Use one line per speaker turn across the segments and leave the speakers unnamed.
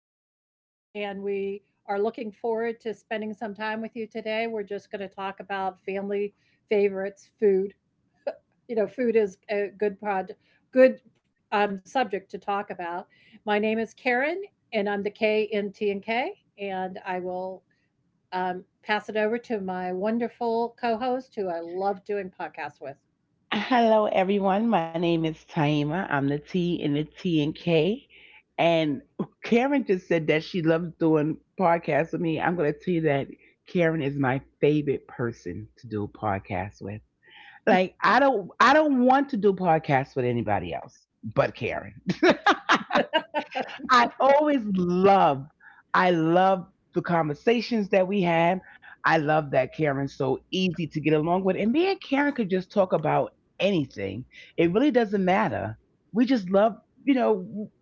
podcast. And we are looking forward to spending some time with you today. We're just going to talk about family favorites, food. You know, food is a good subject to talk about. My name is Karen, and I'm the K in T&K. And I will pass it over to my wonderful co host who I love doing podcasts with.
Hello, everyone. My name is Taima. I'm the T in the T and K. And Karen just said that she loves doing podcasts with me. I'm going to tell you that Karen is my favorite person to do podcasts with. Like I don't want to do podcasts with anybody else but Karen. I always love, I love the conversations that we had. I love that Karen's so easy to get along with. And me and Karen could just talk about anything. It really doesn't matter. We just love, you know,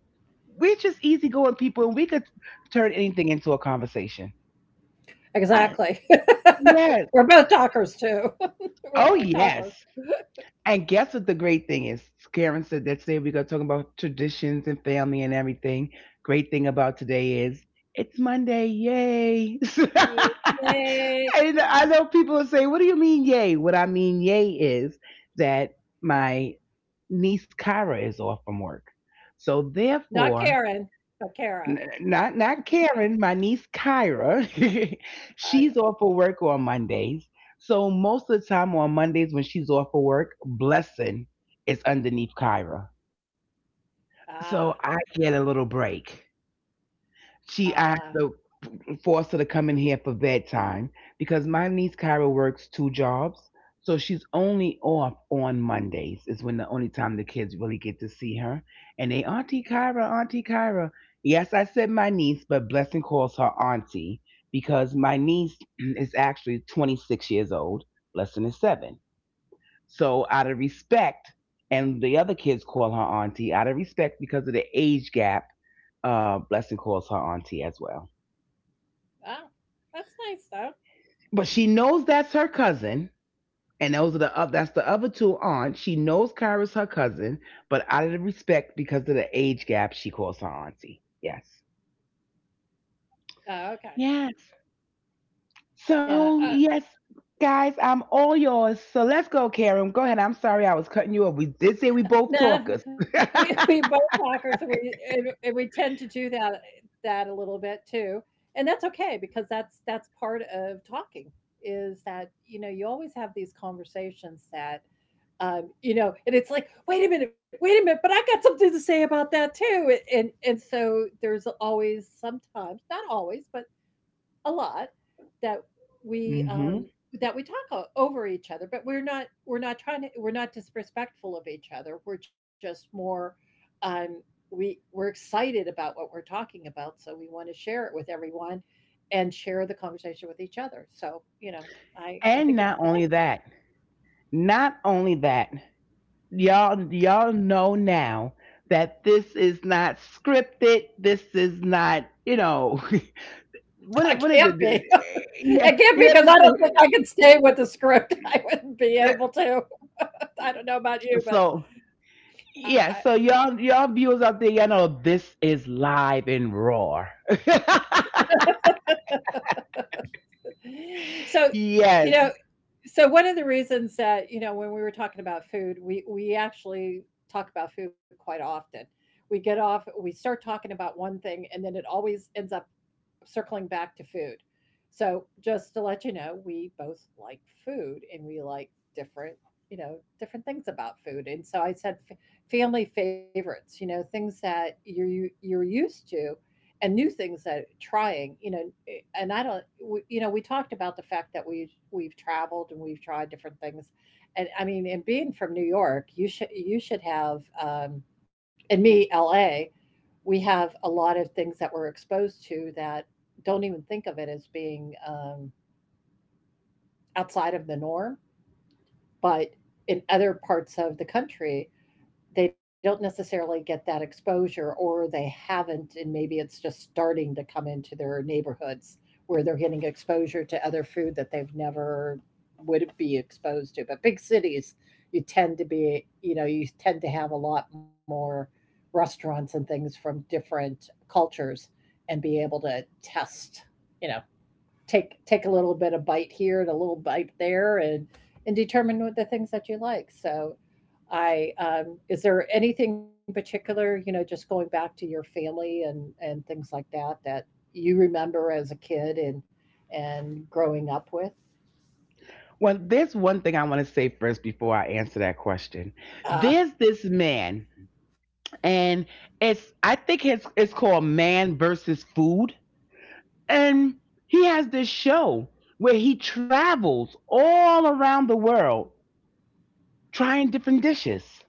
we're just easygoing people and we could turn anything into a conversation. I,
Exactly.
yes.
We're both talkers too. We're
Oh,
both talkers.
yes. And guess what the great thing is? Karen said that today we are talking about traditions and family and everything. Great thing about today is it's Monday, yay!
Yay!
And I know people will say, "What do you mean, yay?" What I mean, yay, is that my niece Kara is off from work, so
Not
therefore
Karen, but Kara.
not Karen, my niece Kyra. She's
I-
off for work on Mondays. So most of the time on Mondays when she's off for work, Blessing is underneath Kyra. So
Ah,
I get a little break. She asked
ah,
the for us to come in here for bedtime because my niece Kyra works two jobs. So she's only off on Mondays is when the only time the kids really get to see her. And they Auntie Kyra, Auntie Kyra. Yes, I said my niece, but Blessing calls her Auntie because my niece is actually 26 years old. Blessing is 7. So out of respect, and the other kids call her Auntie out of respect because of the age gap. Blessing calls her Auntie as well.
oh, that's nice though.
But she knows that's her cousin, and those are the that's the other two aunts. She knows Kyra's her cousin, but out of the respect because of the age gap, she calls her auntie. Yes.
Oh, okay.
Yes.
Yeah.
So yes, guys, I'm all yours. So let's go, Karen. Go ahead. I'm sorry I was cutting you off. We did say we both
Nah,
talkers.
we both talkers. And we tend to do that a little bit too, and that's okay because that's part of talking. Is that, you know, you always have these conversations that, you know, and it's like, wait a minute, but I got something to say about that too. And so there's always, sometimes not always, but a lot that
hmm
we talk over each other. But we're not trying to, we're not disrespectful of each other, we're just more, um we, we're excited about what we're talking about, so we want to share it with everyone and share the conversation with each other. So you know, I
And
think
not only that, y'all know now that this is not scripted. This is not. what
I
it- what is it?
can't be
Yeah,
it can't
you
be, because I
understand?
don't think I could stay with the script. I wouldn't be able to. I don't know about you, but
So yeah,
I.
so y'all viewers out there, y'all know this is live and raw.
so, you
Yes.
know, so one of the reasons that, you know, when we were talking about food, we actually talk about food quite often. We get off, we start talking about one thing, and then it always ends up circling back to food. So just to let you know, we both like food and we like different, you know, different things about food. And so I said, family favorites, you know, things that you're used to and new things that trying, you know. And I don't, we, you know, we talked about the fact that we've traveled and we've tried different things. And I mean, and being from New York, you should have, and me LA, we have a lot of things that we're exposed to that don't even think of it as being, outside of the norm. But in other parts of the country, they don't necessarily get that exposure, or they haven't, and maybe it's just starting to come into their neighborhoods where they're getting exposure to other food that they've never would be exposed to. But big cities, you tend to be, you know, you tend to have a lot more restaurants and things from different cultures and be able to test, you know, take a little bit of bite here and a little bite there, and determine what the things that you like. So I is there anything particular, you know, just going back to your family and things like that that you remember as a kid and growing up with?
Well, there's one thing I want to say first before I answer that question.
uh
There's this man, and it's I think it's called Man versus Food, and he has this show where he travels all around the world trying different dishes.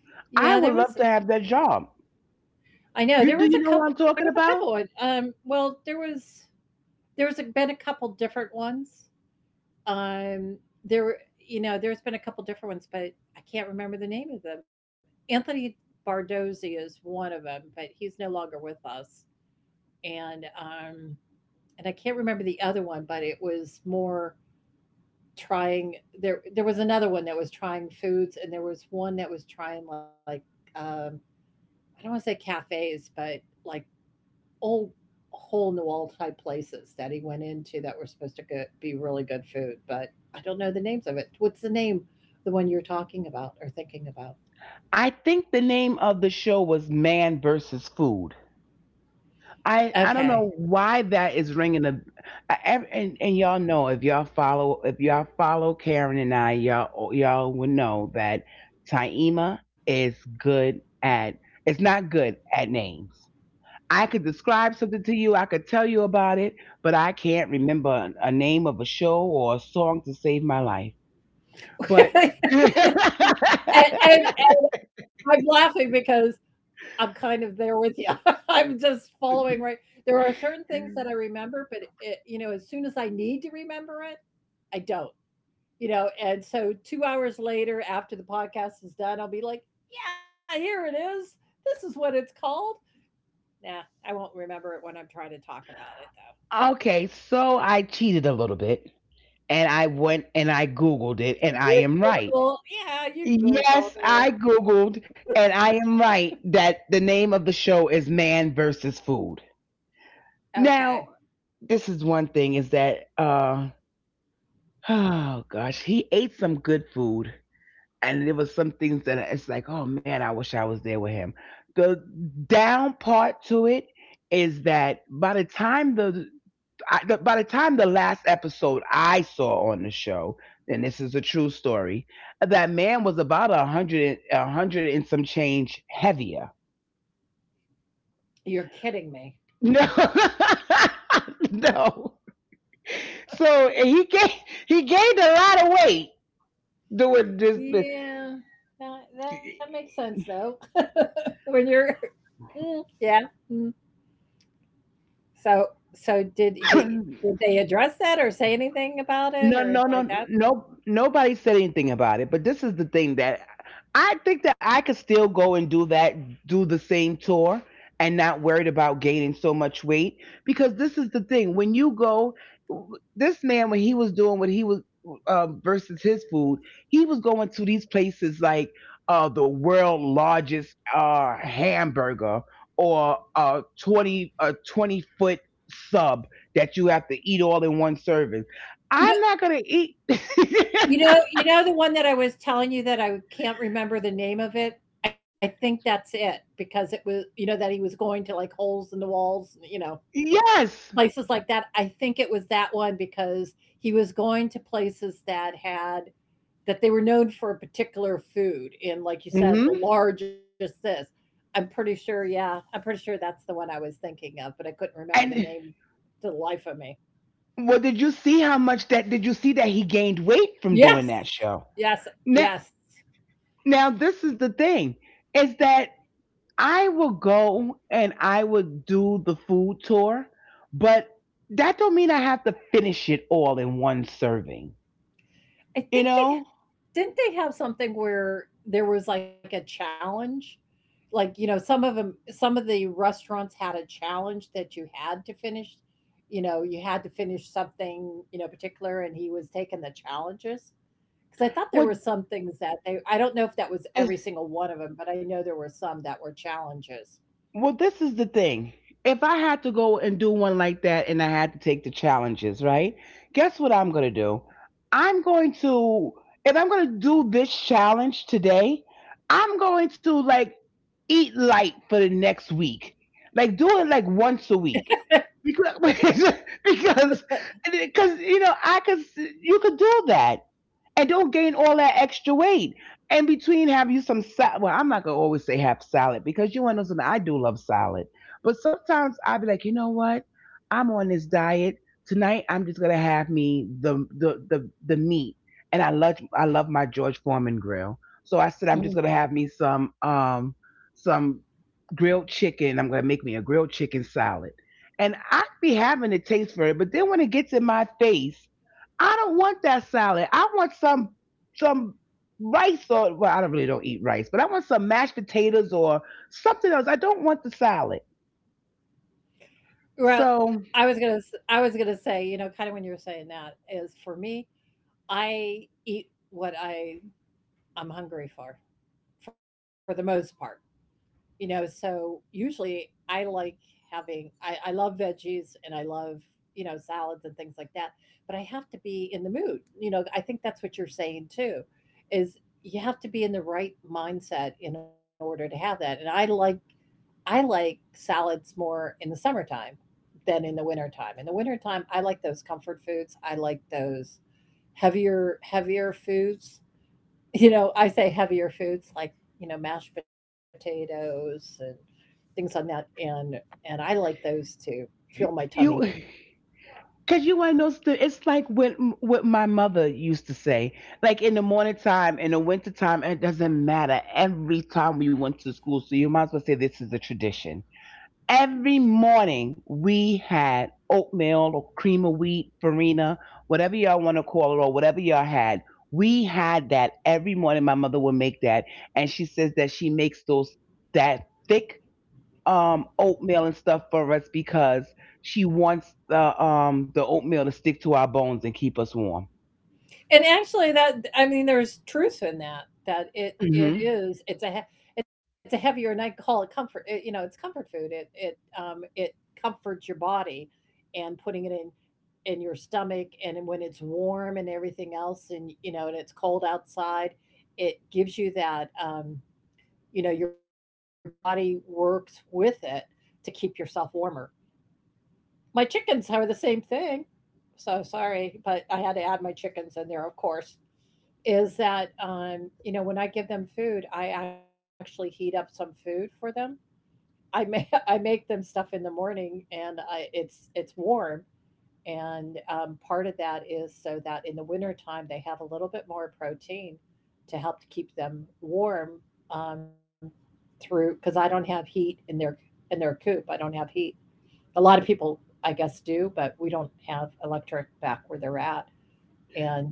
yeah, there
I
was,
would love to have that job.
I know there was
You
a
do you know
couple,
what I'm
there was
talking
a couple of-
about?
well, there was, there's been a couple different ones. Um, there were, you know, there's been a couple different ones, but I can't remember the name of them. Anthony Bardozzi is one of them, but he's no longer with us. And um, and I can't remember the other one, but it was more trying. There was another one that was trying foods, and there was one that was trying like, um, I don't want to say cafes, but like old hole in the wall type places that he went into that were supposed to go, be really good food, but I don't know the names of it. What's the name? The one you're talking about or thinking about?
I think the name of the show was Man versus Food. I
Okay.
don't know why that is ringing a And y'all know if y'all follow Karen and I, y'all would know that Taima is good at it's not good at names. I could describe something to you, I could tell you about it, but I can't remember a name of a show or a song to save my life. But
and, and I'm laughing because I'm kind of there with you. I'm just following right. There are certain things that I remember, but it, you know, as soon as I need to remember it, I don't. You know, and so 2 hours later, after the podcast is done, I'll be like, "Yeah, here it is. This is what it's called." Nah, I won't remember it when I'm trying to talk about it, though.
Okay, so I cheated a little bit and I went and I Googled it and I am
Did you
right.
Google? Yeah, you
Yes,
Googled
I
it.
Googled and I am right that the name of the show is Man versus Food.
Okay.
Now, this is one thing is that, oh gosh, he ate some good food and there was some things that it's like, oh man, I wish I was there with him. The down part to it is that by the time the I, the, by the time the last episode I saw on the show, and this is a true story, that man was about a hundred and some change heavier.
You're kidding me.
No, no. So he gained a lot of weight doing
Yeah. That,
this.
that makes sense, though. when you're, mm, yeah. Mm. So, so did he? Did they address that or say anything about
No,
it
no,
or
no,
anything like that?
no. Nobody said anything about it. But this is the thing that I think that I could still go and do that, do the same tour, and not worried about gaining so much weight. Because this is the thing: when you go, this man when he was doing what he was versus his food, he was going to these places like the world largest hamburger or a 20-foot sub that you have to eat all in one serving.
You know,
I'm not gonna eat.
you know the one that I was telling you that I can't remember the name of it. I think that's it because it was, you know, that he was going to like holes in the walls, you know,
Yes.
places like that. I think it was that one because he was going to places that had that they were known for a particular food, and like you said, the
hmm
largest this. I'm pretty sure, yeah. I'm pretty sure that's the one I was thinking of, but I couldn't remember the
And
name to the life of me.
well, did you see how much that? Did you see that he gained weight from doing
Yes.
that show?
Yes.
Now,
Yes.
now, this is the thing: is that I will go and I would do the food tour, but that don't mean I have to finish it all in one serving.
I
You
think they
know
Didn't they have something where there was like a challenge? Like, you know, some of them, some of the restaurants had a challenge that you had to finish. You know, you had to finish something, you know, particular, and he was taking the challenges. Because I thought there
what?
were some things that they, I don't know if that was every single one of them, but I know there were some that were challenges.
Well, this is the thing. If I had to go and do one like that and I had to take the challenges, right? Guess what I'm going to do? I'm going to, if I'm going to do this challenge today, I'm going to like eat light for the next week. Like do it like once a week. Because, because, you know, you could do that and don't gain all that extra weight. And between, have you some salad. Well, I'm not gonna always say have salad because you want to know something. I do love salad, but sometimes I will be like, you know what? I'm on this diet tonight. I'm just gonna have me the meat, and I love my George Foreman grill. So I said I'm just gonna
Mhm.
have me some grilled chicken. I'm gonna make me a grilled chicken salad, and I be having a taste for it. But then when it gets in my face I don't want that salad. I want some rice or well, I don't really don't eat rice, but I want some mashed potatoes or something else. I don't want the salad.
Well,
So
I was gonna say, you know, kind of when you were saying that is for me, I eat what I'm hungry for the most part. You know, so usually I like having I love veggies and I love, you know, salads and things like that, but I have to be in the mood. You know, I think that's what you're saying too, is you have to be in the right mindset in order to have that. And I like salads more in the summertime than in the wintertime. In the wintertime, I like those comfort foods. I like those heavier foods. You know, I say heavier foods like, you know, mashed potatoes and things on that, and I like those to fill my tummy.
you, because you want to know, it's like what my mother used to say. Like in the morning time, in the winter time, it doesn't matter. Every time we went to school, so you might as well say this is a tradition. Every morning we had oatmeal or cream of wheat, farina, whatever y'all want to call it, or whatever y'all had. We had that every morning. My mother would make that, and she says that she makes those that thick oatmeal and stuff for us because she wants the oatmeal to stick to our bones and keep us warm.
And actually, that I mean, there's truth in that. That it
hmm
is it's a it's a heavier, and I call it comfort. It, you know, it's comfort food. It comforts your body, and putting it in your stomach, and when it's warm and everything else, and you know, and it's cold outside, it gives you that, you know, your body works with it to keep yourself warmer. My chickens are the same thing. So sorry, but I had to add my chickens in there, of course, is that, you know, when I give them food, I actually heat up some food for them. I make I make them stuff in the morning, and it's warm, and part of that is so that in the wintertime they have a little bit more protein to help to keep them warm, um, through. Because I don't have heat in their coop, I don't have heat. A lot of people, I guess, do, but we don't have electric back where they're at.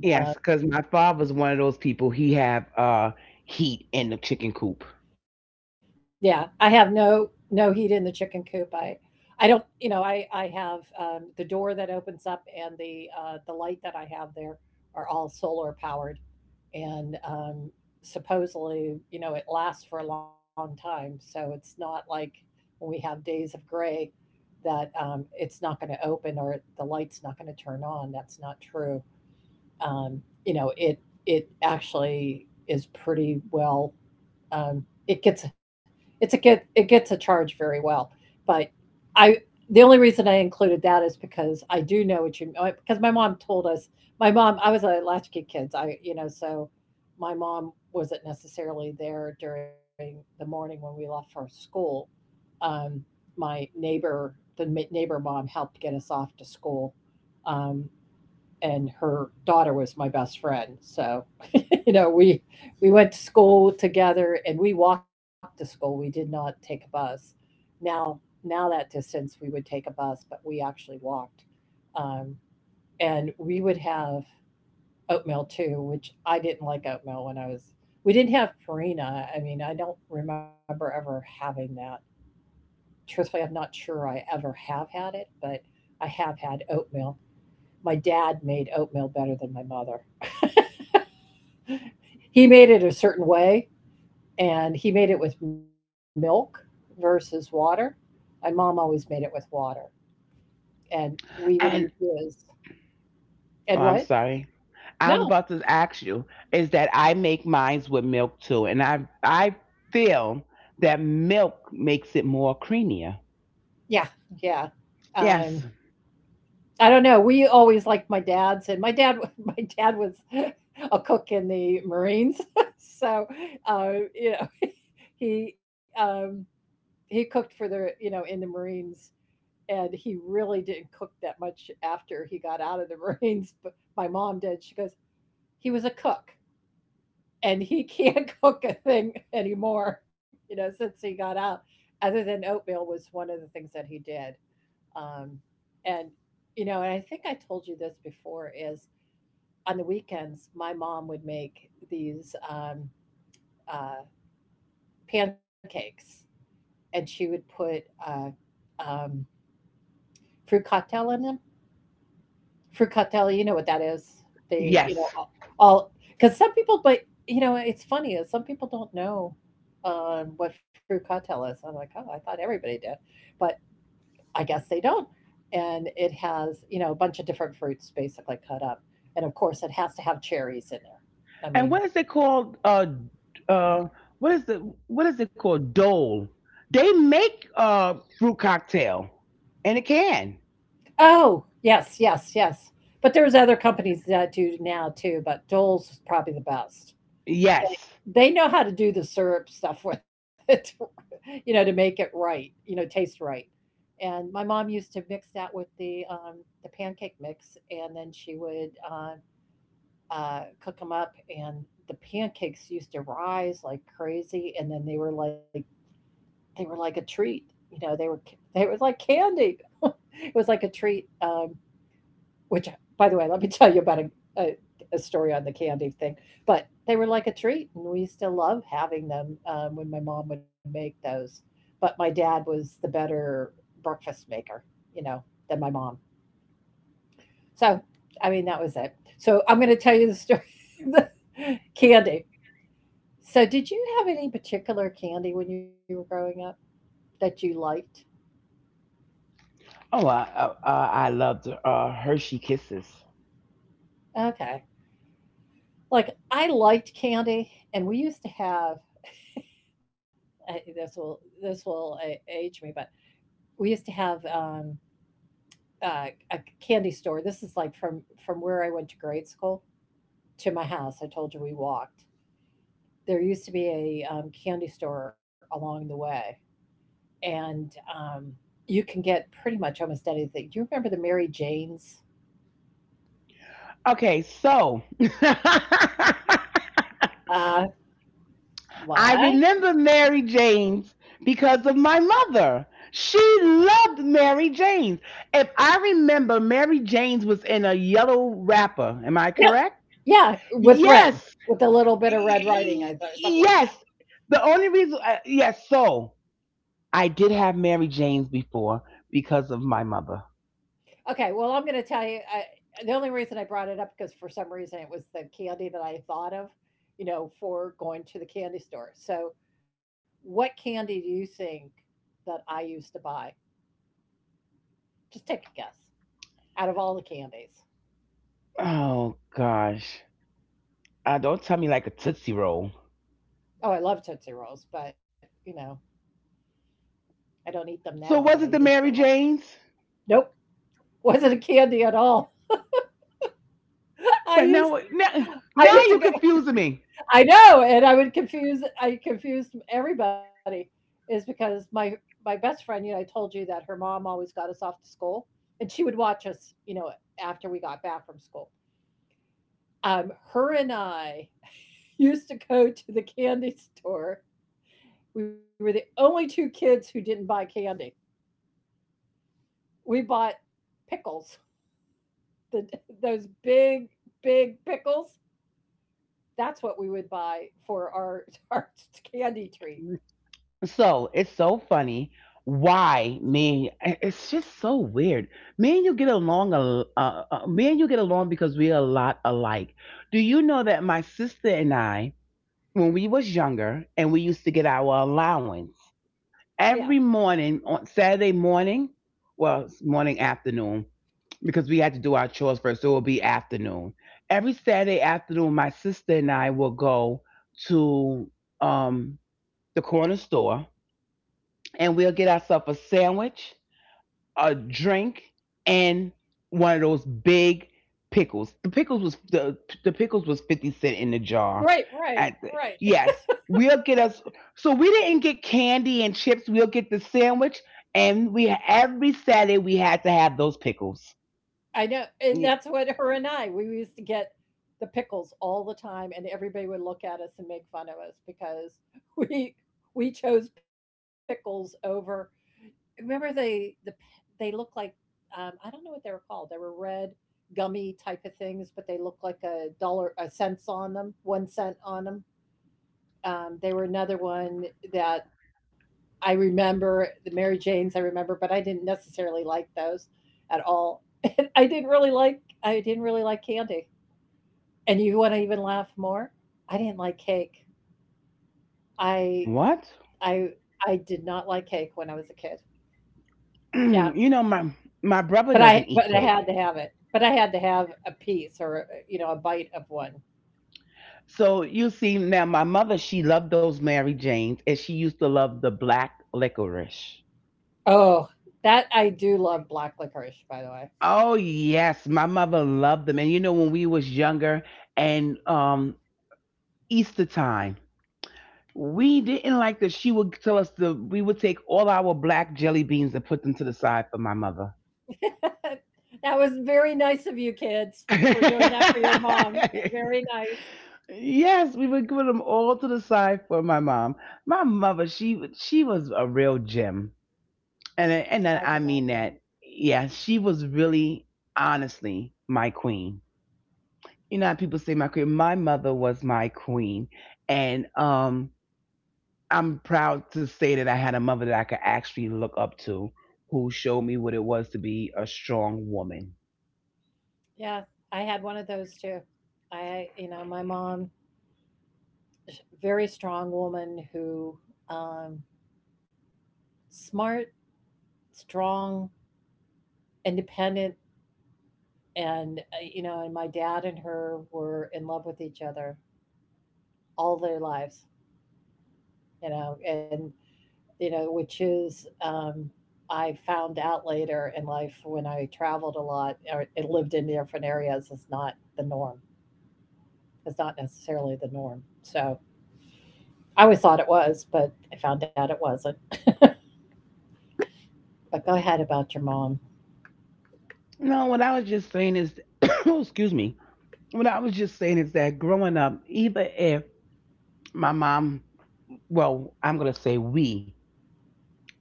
Yes,
and,
because my
uh,
father's one of those people. He have heat in the chicken coop,
yeah, I have no heat in the chicken coop. I don't, you know, I have, the door that opens up and the light that I have there are all solar powered, and supposedly, you know, it lasts for a long time. So it's not like when we have days of gray that, it's not going to open or the light's not going to turn on. That's not true. You know, it actually is pretty well, it gets it gets a charge very well. But I the only reason I included that is because I do know what you, because my mom told us. My mom I was a latchkey kids, I, you know, so my mom wasn't necessarily there during the morning when we left for school. um, my neighbor, the neighbor mom, helped get us off to school, um, and her daughter was my best friend. So you know, we went to school together, and we walked to school. We did not take a bus. now Now that distance we would take a bus, but we actually walked. um, and we would have oatmeal too, which I didn't like oatmeal when I was, we didn't have Purina. I mean, I don't remember ever having that, truthfully. I'm not sure I ever have had it, but I have had oatmeal. My dad made oatmeal better than my mother. He made it a certain way, and he made it with milk versus water. My mom always made it with water, and we would eat
and
his. And
oh,
what?
I'm sorry. I was
No.
about to ask you is that I make mines with milk too, and I feel that milk makes it more creamier.
Yeah, yeah. Um,
Yes,
I don't know. We always liked my dad's, and my dad, my dad was a cook in the Marines, so you know, he um, he cooked for the, you know, in the Marines, and he really didn't cook that much after he got out of the Marines. But my mom did. She goes, he was a cook, and he can't cook a thing anymore, you know, since he got out. Other than oatmeal was one of the things that he did. Um, and, you know, and I think I told you this before is on the weekends, my mom would make these uh, pancakes, and she would put um, fruit cocktail in them. Fructatelli, you know what that is. They, you
yes.
know, all cuz some people but you know, it's funny is some people don't know what fructelle is. I'm like, "Oh, I thought everybody did." But I guess they don't. And it has, you know, a bunch of different fruits basically cut up. And of course, it has to have cherries in there. I
And what
mean,
is it called? Uh, what is it called? Dole. They make fruit cocktail in a can.
oh, yes, yes, yes. But there's other companies that do now too, but Dole's is probably the best.
Yes.
They know how to do the syrup stuff with it, you know, to make it right, you know, taste right. And my mom used to mix that with the pancake mix, and then she would cook them up, and the pancakes used to rise like crazy, and then they were like a treat, you know. They were, they was like candy. It was like a treat. Which by the way, let me tell you about a, a story on the candy thing. But they were like a treat, and we used to love having them when my mom would make those. But my dad was the better breakfast maker, you know, than my mom. So I mean, that was it. So I'm going to tell you the story. The candy. So did you have any particular candy when you were growing up that you liked?
Oh, I loved Hershey Kisses.
Okay, like, I liked candy, and we used to have this will, this will age me, but we used to have a candy store. This is like from where I went to grade school to my house. I told you we walked. There used to be a candy store along the way, and you can get pretty much almost anything. Do you remember the Mary Janes?
Okay, so
Uh,
I
what?
remember Mary Jane's because of my mother. She loved Mary Jane's. If I remember, Mary Jane's was in a yellow wrapper. Am I
Yep.
correct?
Yeah, with red,
Yes.
with a little bit of red writing.
Y-
I thought something like,
Yes. The only reason, yes, so I did have Mary Jane's before because of my mother.
okay, well, I'm going to tell you. The only reason I brought it up because for some reason it was the candy that I thought of, you know, for going to the candy store. So, what candy do you think that I used to buy? Just take a guess out of all the candies.
Oh, gosh. Don't tell me like a Tootsie Roll.
Oh, I love Tootsie Rolls, but you know, I don't eat them now,
So
but I
was it the
used to
Mary
love.
Jane's?
Nope, wasn't a candy at all. I
But
used
now, now,
I
now
used to
you're confusing me.
I know, and I would confuse, I confused everybody is because my best friend, you know, I told you that her mom always got us off to school, and she would watch us, you know, after we got back from school. Her and I used to go to the candy store. We were the only two kids who didn't buy candy. We bought pickles, the, those big, big pickles. That's what we would buy for our our candy treat.
So it's so funny why me. It's just so weird. Me and you get along. Me and you get along because we are a lot alike. Do you know that my sister and I, when we was younger, and we used to get our allowance
Yeah.
every morning on Saturday morning, well, it's morning afternoon. Because we had to do our chores first. So it will be afternoon. Every Saturday afternoon, my sister and I will go to um, the corner store and we'll get ourselves a sandwich, a drink, and one of those big pickles. The pickles was 50 cent in the jar.
Right, right,
At the,
right.
yes, we'll get us. So we didn't get candy and chips. We'll get the sandwich, and we every Saturday we had to have those pickles.
I know, and
Ye-
that's what her and I, we used to get the pickles all the time, and everybody would look at us and make fun of us because we we chose pickles over. Remember the they look like I don't know what they were called. They were red gummy type of things, but they looked like a dollar a cents on them, 1¢ on them. They were another one that I remember. The Mary Janes, I remember, but I didn't necessarily like those at all. And I didn't really like, candy. And you wanna even laugh more? I didn't like cake. I I
What?
I did not like cake when I was a kid. Yeah,
You know, my
but
brother doesn't
I
eat
had to
cake.
have it. But I had to have a piece or, you know, a bite of one.
So you see, now my mother, she loved those Mary Janes, and she used to love the black licorice.
Oh, that I do love black licorice, by the
Oh yes, my mother loved them. And you know, when we was younger and Easter time, we didn't like that. She would tell us the we would take all our black jelly beans and put them to the side for my mother.
way. That was very nice of you kids for doing that for your mom. Very nice.
Yes, we would put them all to the side for my mom. My mother, she was a real gem, and
I
I-
can
and I I
imagine.
mean that. Yeah, she was really, honestly, my queen. You know, how people say my queen. My mother was my queen, and I'm proud to say that I had a mother that I could actually look up to, who showed me what it was to be a strong woman.
Yeah, I had one of those too. I, you know, my mom, very strong woman who, um, smart, strong, independent, and, you know, and my dad and her were in love with each other all their lives, you know, and, you know, which is, I found out later in life when I traveled a lot or lived in different areas is not the norm. It's not necessarily the norm. So, I always thought it was, but I found out it wasn't. But go ahead about your mom.
No, what I was just saying is, excuse me. What I was just saying is that growing up, either if my mom, well, I'm going to say we,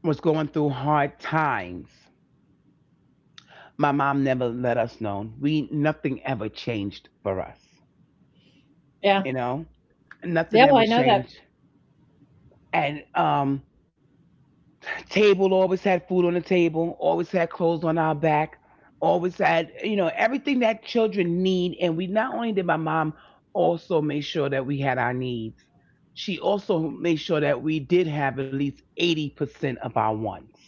was going through hard times. My mom never let us know. We, nothing ever changed for us,
Yeah.
you know?
Yeah,
Nothing ever
I know that.
changed. And Table always had food on the table, always had clothes on our back, always had, you know, everything that children need. And we not only did my mom also make sure that we had our needs, she also made sure that we did have at least 80% of our wants.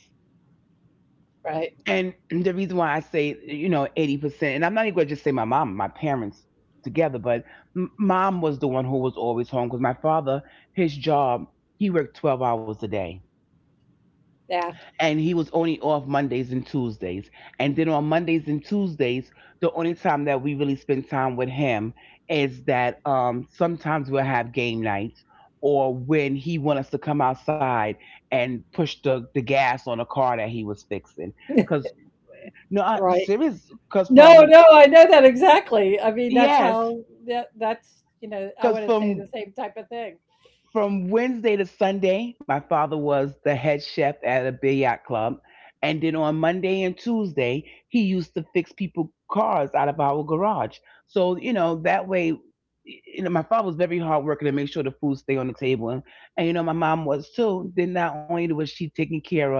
Right.
And the reason why I say, you know, 80%, and I'm not even going to just say my mom, my parents together, but mom was the one who was always home because my father, his job, he worked 12 hours a day,
Yeah.
and he was only off Mondays and Tuesdays. And then on Mondays and Tuesdays, the only time that we really spend time with him is that sometimes we'll have game nights, or when he want us to come outside and push the gas on a car that he was fixing because no, I,
Right.
serious.
No, no, I know that exactly. I mean, that's
Yes,
how that's, you know, I
cause
want to say the
from
same type of thing.
from Wednesday to Sunday, my father was the head chef at a billiard club, and then on Monday and Tuesday, he used to fix people cars out of our garage. So you know that way, you know my father was very hardworking to make sure the food stay on the table, and you know my mom was too. Then not only was she taking care of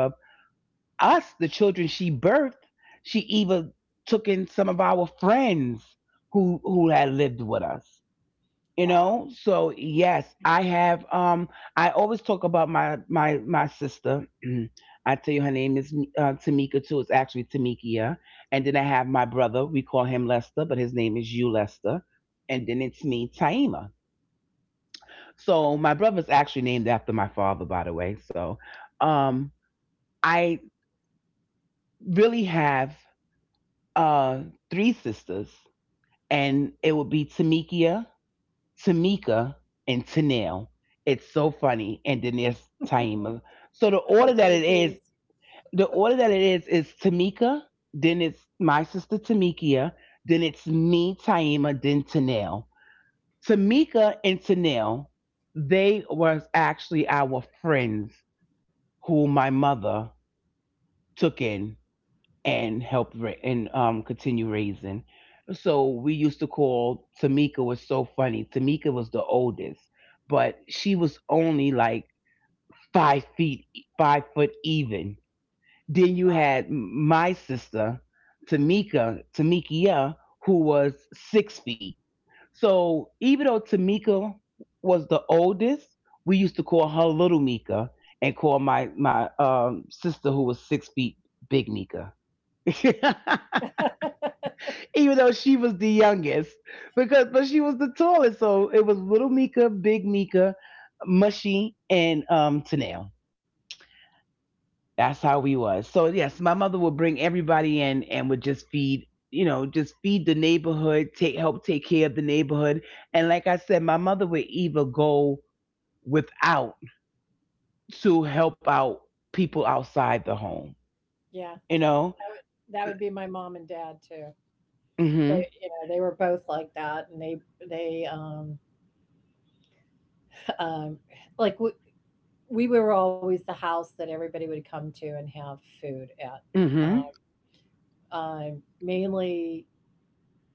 us, the children she birthed, she even took in some of our friends who had lived with us. You
Wow.
know, so yes, I have. I always talk about my sister. I tell you, her name is Tamika too. It's actually Tamikia. And then I have my brother. We call him Lester, but his name is you Lester. And then it's me, Taima. So my brother's actually named after my father, by the way. So, um, I really have uh, three sisters, and it would be Tamikia, Tamika, and Tanel. It's so funny. And then there's Taima. So
The three G's.
the order that it is Tamika, then it's my sister Tamikia, then it's me, Taima, then Tanel. Tamika and Tanel, they was actually our friends who my mother took in and continue raising. So we used to call Tamika was so funny. Tamika was the oldest, but she was only like 5 feet, 5 foot even. Then you
Wow.
had my sister, Tamikia, who was 6 feet. So even though Tamika was the oldest, we used to call her Little Mika and call my sister who was 6 feet Big Mika. Even though she was the youngest, because but she was the tallest, so it was Little Mika, Big Mika, Mushy, and Tanel. That's how we was. So yes, my mother would bring everybody in and would just feed, you know, just feed the neighborhood, take help take care of the neighborhood. And like I said, my mother would either go without to help out people outside the home,
Yeah. That
you know.
would, that would be my mom and dad too. They,
Mm-hmm.
you know, they were both like that, and they they um um like we were always the house that everybody would come to and have food at. um,
Mm-hmm.
mainly,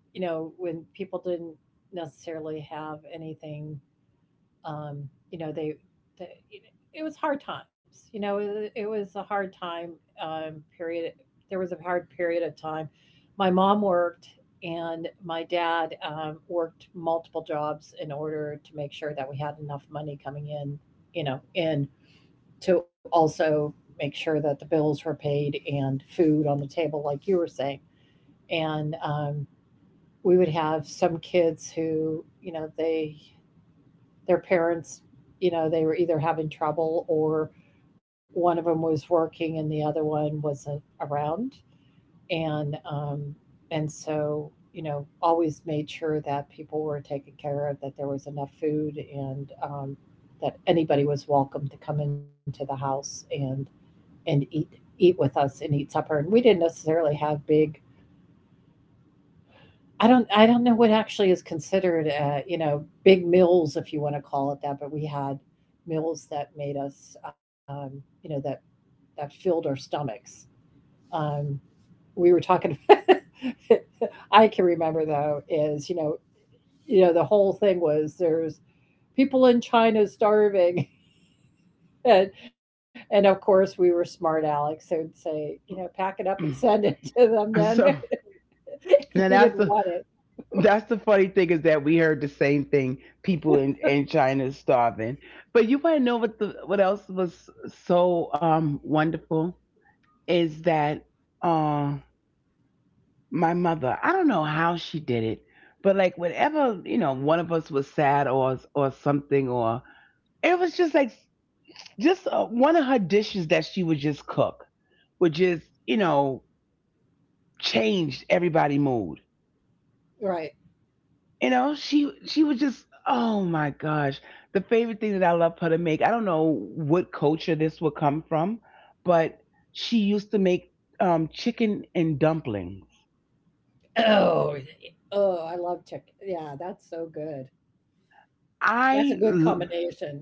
you know, when people didn't necessarily have anything, you know, they you know, it was hard times. You know, it was a hard time period. There was a hard period of time. My mom worked, and my dad worked multiple jobs in order to make sure that we had enough money coming in. You know, and to also make sure that the bills were paid and food on the table, like you were saying. And we would have some kids who, you know, they their parents, you know, they were either having trouble, or one of them was working and the other one wasn't around, and um, and so you know, always made sure that people were taken care of, that there was enough food, and that anybody was welcome to come into the house and and eat eat with us and eat supper. And we didn't necessarily have big, I don't know what actually is considered, you know, big mills if you want to call it that, but we had mills that made us, you know, that filled our stomachs. Um, we were talking. I can remember though is you know, the whole thing was there's people in China starving. And, and of course, we were smart Alex, so would say, you know, pack it up and send it to them. Then,
So
if we
now
didn't
that's
want it,
That's the funny thing is that we heard the same thing. People in China is starving. But you want to know what the what else was so wonderful is that uh my mother. I don't know how she did it, but like whenever you know one of us was sad or something, or it was just like just one of her dishes that she would just cook would just, you know, change everybody mood.
right?
You know, she was just, oh my gosh, the favorite thing that I love her to make, I don't know what culture this would come from, but she used to make chicken and dumplings.
Oh, oh, I love chicken. Yeah, that's so good. That's
i
a good
l-
combination.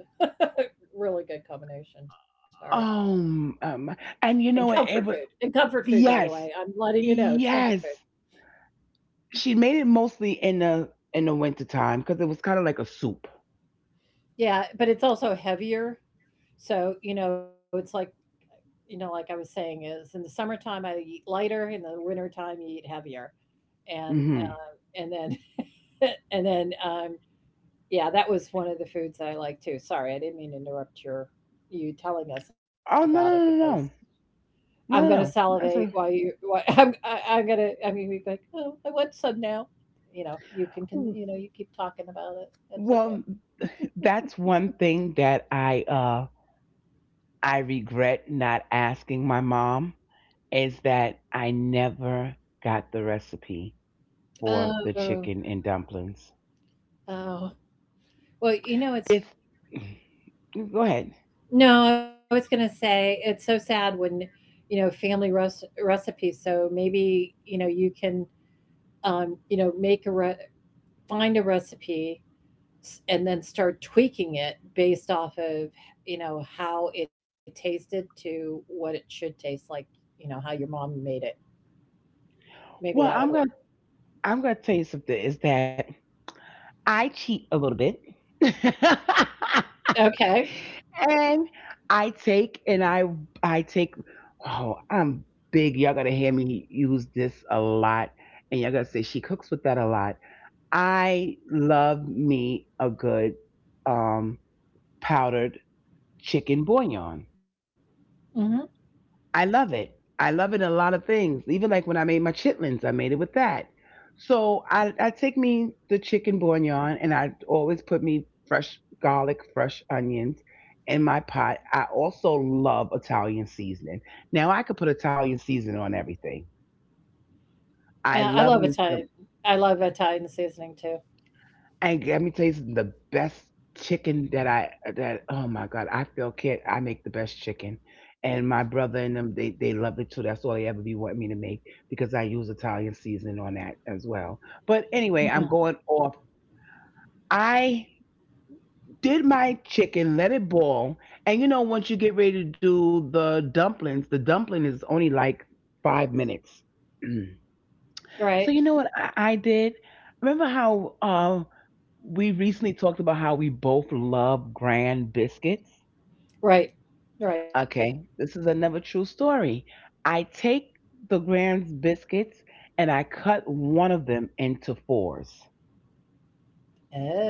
Really good combination. Sorry.
um, um
And
and you
comfort
know it,
food.
it
And
was
comfort food, by the way.
yes
I'm letting you know it's comfort food.
yes she made it mostly in the winter time because it was kind of like a soup.
Yeah, but it's also heavier. So, you know, it's like, you know, like I was saying, is in the summertime I eat lighter, in the wintertime you eat heavier. And
Hmm.
uh, and then and then yeah, that was one of the foods that I like too. Sorry, I didn't mean to interrupt your you telling us about it
oh no no
because
no no
I'm gonna
no no no
salivate while
that's a
you. While, I'm gonna. I mean, we like, oh, I want some now. You know, you can, can. You know, you keep talking about it. It's okay.
Well, that's one thing that I regret not asking my mom is that I never got the recipe for the
Oh,
chicken and dumplings.
oh. Well, you know, it's
This go ahead.
no. I was gonna say it's so sad when, you know, family recipes. So maybe you know you can, you know, make a find a recipe and then start tweaking it based off of, you know, how it tasted to what it should taste like, you know, how your mom made it. Maybe that
Well,
would
I'm
work.
gonna I'm gonna tell you something is that I cheat a little bit.
Okay.
and and I take oh I'm big. Y'all gonna hear me use this a lot, and y'all gonna say she cooks with that a lot. I love me a good um, powdered chicken bouillon.
Hmm.
I love it. I love it in a lot of things. Even like when I made my chitlins, I made it with that. So I take me the chicken bouillon and I always put me fresh garlic, fresh onions in my pot. I also love Italian seasoning. Now I could put Italian seasoning on everything.
Yeah, I
I
love
love me
Italian,
some.
I love Italian seasoning too.
And let me tell you something, the best chicken that I that oh my god, I feel kid, I make the best chicken. And my brother and them they love it too. That's all they ever be wanting me to make because I use Italian seasoning on that as well. But anyway,
Mm.
I'm going off. I did my chicken, let it boil, and you know once you get ready to do the dumplings, the dumpling is only like 5 minutes.
Right,
So you know what I did? Remember how we recently talked about how we both love grand biscuits?
right, right.
Okay, this is another true story. I take the grand biscuits and I cut one of them into fours.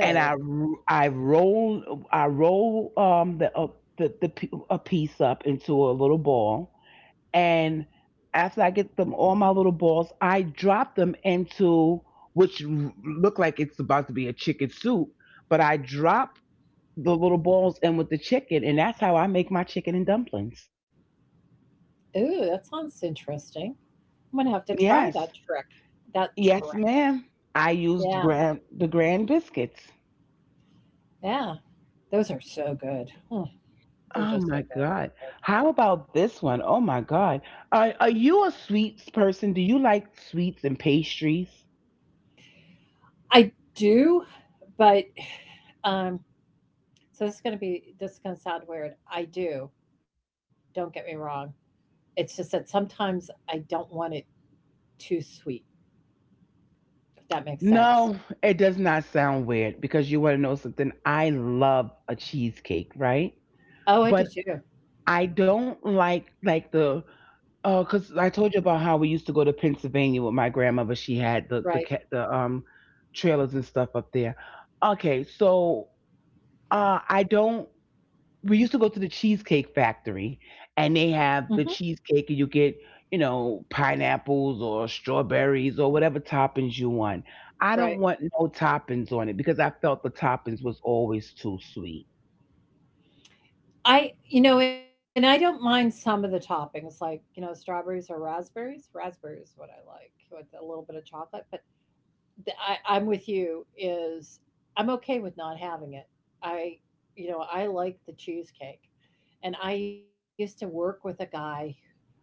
And I r- I roll a piece up into a little ball, and after I get them all my little balls, I drop them into which look like it's about to be a chicken soup, but I drop the little balls in with the chicken, and that's how I make my chicken and dumplings.
ooh, that sounds interesting. I'm gonna have to try that
Yes,
trick that
yes,
trick
ma'am. I used
Yeah,
grand the grand biscuits.
yeah, those are so good.
Oh
They're
my
just so good.
God! How about this one? Oh my God! Are you a sweets person? Do you like sweets and pastries?
I do, but um So this is gonna be this is gonna sound weird. I do. Don't get me wrong. It's just that sometimes I don't want it too sweet, if that makes
No,
sense.
it does not sound weird because you want to know something. I love a cheesecake, right? But
Oh, I do too.
I don't like the 'cause because I told you about how we used to go to Pennsylvania with my grandmother. She had the the ca- the
Right.
um trailers and stuff up there. Okay, so I don't we used to go to the Cheesecake Factory and they have
Mhm.
the cheesecake and you get, you know, pineapples or strawberries or whatever toppings you want. I don't want
Right.
no toppings on it because I felt the toppings was always too sweet.
And I don't mind some of the toppings, like, you know, strawberries or raspberries. Raspberries is what I like with a little bit of chocolate. But I'm with you is I'm okay with not having it. I I like the cheesecake. And I used to work with a guy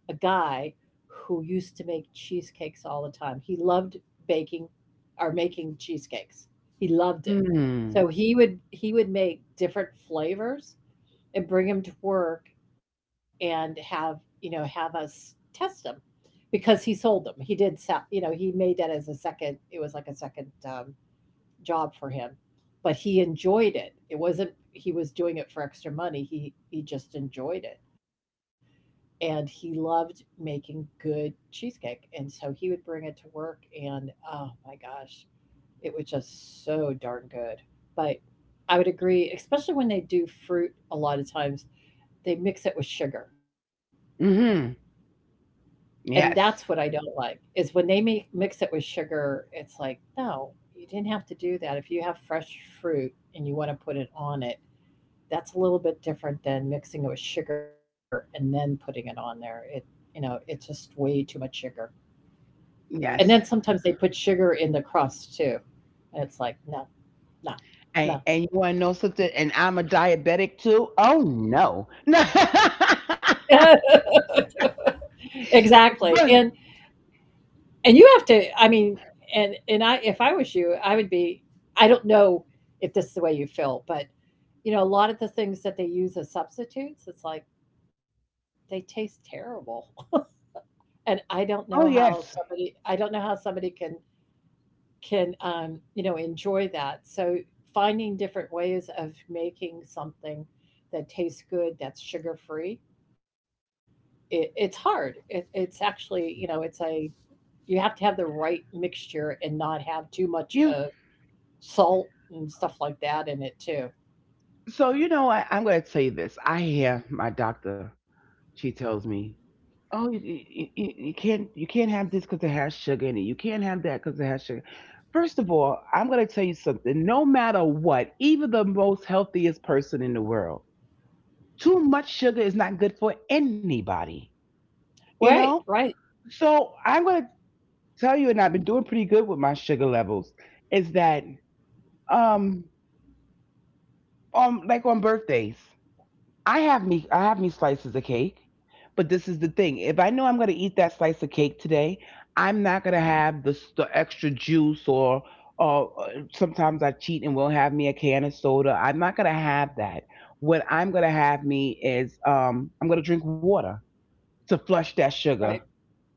a guy who used to make cheesecakes all the time. He loved baking or making cheesecakes. He loved it.
Mm.
So he would make different flavors and bring them to work and have us test them because he sold them. He did sell, you know, he made that as a second, it was like a second job for him, but he enjoyed it. It wasn't he was doing it for extra money. He just enjoyed it, and he loved making good cheesecake, and so he would bring it to work and, oh my gosh, it was just so darn good. But I would agree, especially when they do fruit. A lot of times they mix it with sugar,
Hmm.
and
Yes.
that's what I don't like is when they mix it with sugar. It's like, no, you didn't have to do that. If you have fresh fruit and you want to put it on it, that's a little bit different than mixing it with sugar and then putting it on there. It you know it's just way too much sugar.
Yes.
And then sometimes they put sugar in the crust too, and it's like, "No, no,
And you
no."
want to know something, and I'm a diabetic too. Oh no. No,
Exactly,
but,
and you have to, I mean, and I if I was you, I would be I don't know if this is the way you feel, but, you know, a lot of the things that they use as substitutes, it's like, they taste terrible. And
oh yes.
I don't know how somebody can, you know, enjoy that. So finding different ways of making something that tastes good, that's sugar free, it's hard. It's actually, you know, it's a you have to have the right mixture and not have too much
You
of salt and stuff like that in it too.
so you know I, I'm going to tell you this, I hear my doctor, she tells me, oh, you can't have this because it has sugar in it. You can't have that because it has sugar. First of all, I'm going to tell you something. No matter what, even the most healthiest person in the world, too much sugar is not good for anybody.
Right,
You
right,
know. So I'm going to tell you, and I've been doing pretty good with my sugar levels. Is that um like on birthdays? I have me slices of cake, but this is the thing. If I know I'm going to eat that slice of cake today, I'm not going to have the extra juice or sometimes I cheat and will have me a can of soda. I'm not going to have that. What I'm going to have me is I'm going to drink water to flush that
right.
sugar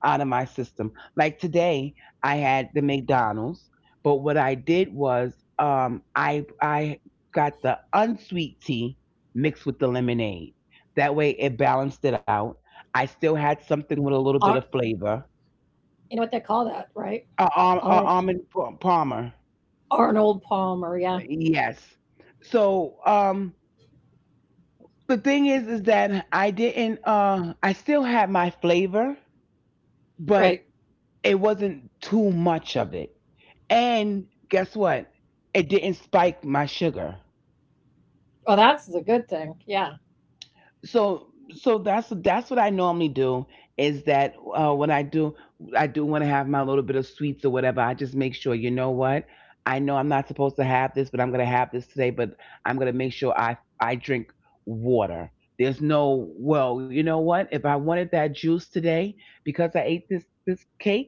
out of my system. Like today, I had the McDonald's, but what I did was I got the unsweet tea mixed with the lemonade. That way, it balanced it out. I still had something with
Ar-
a little bit of flavor.
you know what they call that, right? Ar-
Almond pa- Palmer,
Arnold Palmer, yeah,
yes. So the thing is that I didn't. I still had my flavor,
right.
but it wasn't too much of it, and guess what? It didn't spike my sugar.
Well, that's the good thing. Yeah,
So that's what I normally do, is that when I do, I do want to have my little bit of sweets or whatever, I just make sure, you know what, I know I'm not supposed to have this, but I'm going to have this today. But I'm going to make sure I drink water. There's no, well, you know what, if I wanted that juice today because I ate this cake,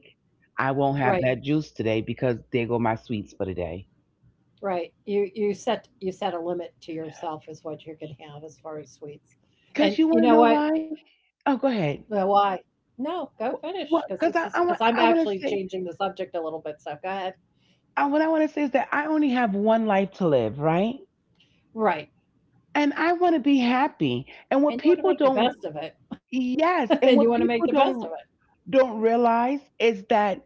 I
right.
won't have that juice today because there go my sweets for the day.
Right. You set a limit to yourself is what you can have as far as sweets. And
Because you
you
want
know
to know
what?
why? Oh, go
Well,
ahead.
why? No, go finish,
Wh-
because this
Well,
is
because
because I'm
I
actually
want to
changing
say,
the subject a little bit. So go ahead.
I, what I want to say is that I only have one life to live, right?
Right.
And I want to be happy. And what
And you want to
people
make the
don't,
best of it. And you want to
yes,
make the
and what
best of it.
people don't, realize is that,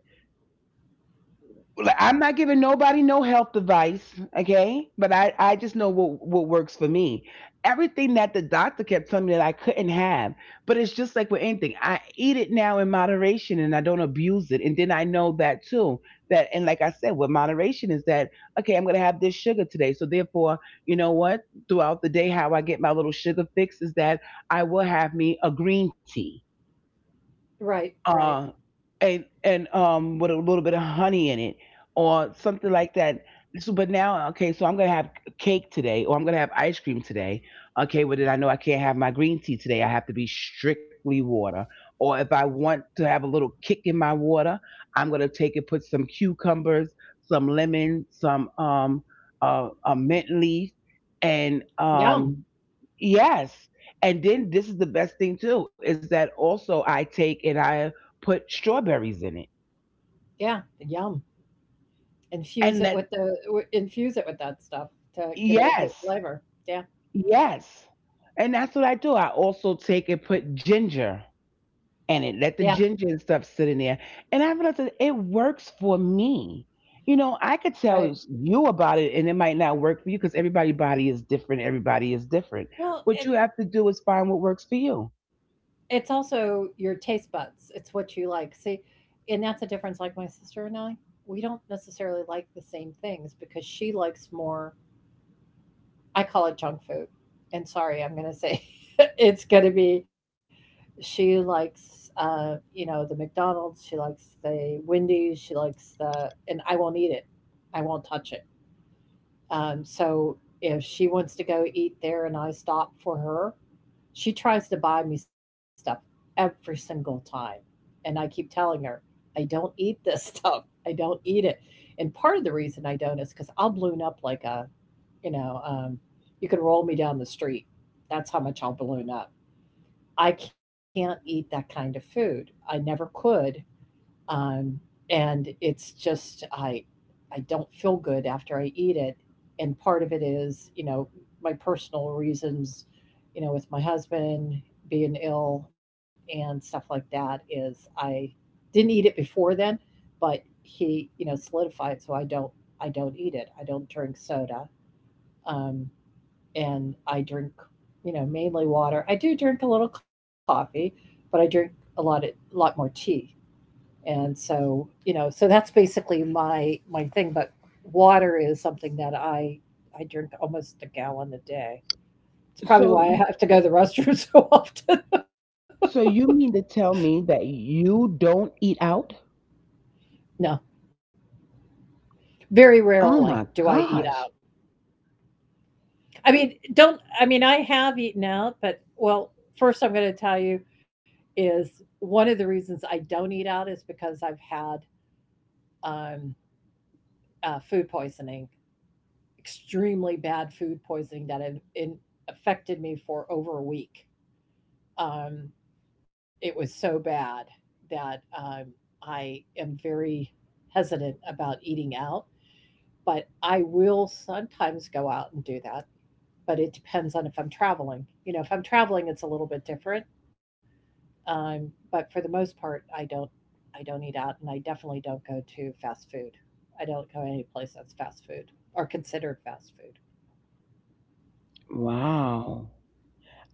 like, I'm not giving nobody no health advice, okay? But I just know what works for me. Everything that the doctor kept telling me that I couldn't have, but it's just like with anything. I eat it now in moderation and I don't abuse it. And then I know that too. That, and like I said, what moderation is, that okay, I'm gonna have this sugar today. So therefore, you know what? Throughout the day, how I get my little sugar fix is that I will have me a green tea,
Right. Right.
uh, and with a little bit of honey in it or something like that. So, but now, okay, so I'm gonna have cake today, or I'm gonna have ice cream today. Okay, well, then I know I can't have my green tea today. I have to be strictly water. Or if I want to have a little kick in my water, I'm gonna take and put some cucumbers, some lemon, some a mint leaf, and
Yum.
yes. And then this is the best thing too, is that also I take and I put strawberries in it.
Yeah. Yum. Infuse it
And
with
that,
the w- infuse it with that stuff to give it a good
yes.
flavor. Yeah.
Yes. And that's what I do. I also take and put ginger in
Yeah.
it. Let the ginger and stuff sit in there. And I realized that it works for me. You know, I could
Right.
tell you about it and it might not work for you because everybody's body is different. Everybody is different.
Well,
What you
it's
have to do is find what works for you.
It's also your taste buds. It's what you like. See, and that's a difference. Like my sister and I, we don't necessarily like the same things because she likes more. I call it junk food. And sorry, I'm going to say it's going to be. She likes, you know, the McDonald's. She likes the Wendy's. And I won't eat it. I won't touch it. So if she wants to go eat there and I stop for her, she tries to buy me stuff every single time. And I keep telling her, I don't eat this stuff. I don't eat it. And part of the reason I don't is because I'll balloon up you know, um, you can roll me down the street. That's how much I'll balloon up. I can't eat that kind of food. I never could, um, and it's just I don't feel good after I eat it, and part of it is my personal reasons, you know, with my husband being ill and stuff like that is I didn't eat it before then, but he solidified. So I don't eat it. I don't drink soda, um, and I drink, mainly water. I do drink a little coffee, but I drink a lot more tea. And so that's basically my thing. But water is something that I drink almost a gallon a day. It's probably
So,
why I have to go to the restroom so often.
so you mean to tell me that you don't eat out?
No,
Oh my
very rarely
gosh.
do I eat out. I mean, don't I mean I have eaten out, but well, first I'm going to tell you is one of the reasons I don't eat out is because I've had um, food poisoning, extremely bad food poisoning that affected me for over a week. Um, It was so bad that, I am very hesitant about eating out, but I will sometimes go out and do that, but it depends on if I'm traveling. You know, if I'm traveling, it's a little bit different, but for the most part, I don't eat out, and I definitely don't go to fast food. I don't go any place that's fast food or considered fast food.
Wow.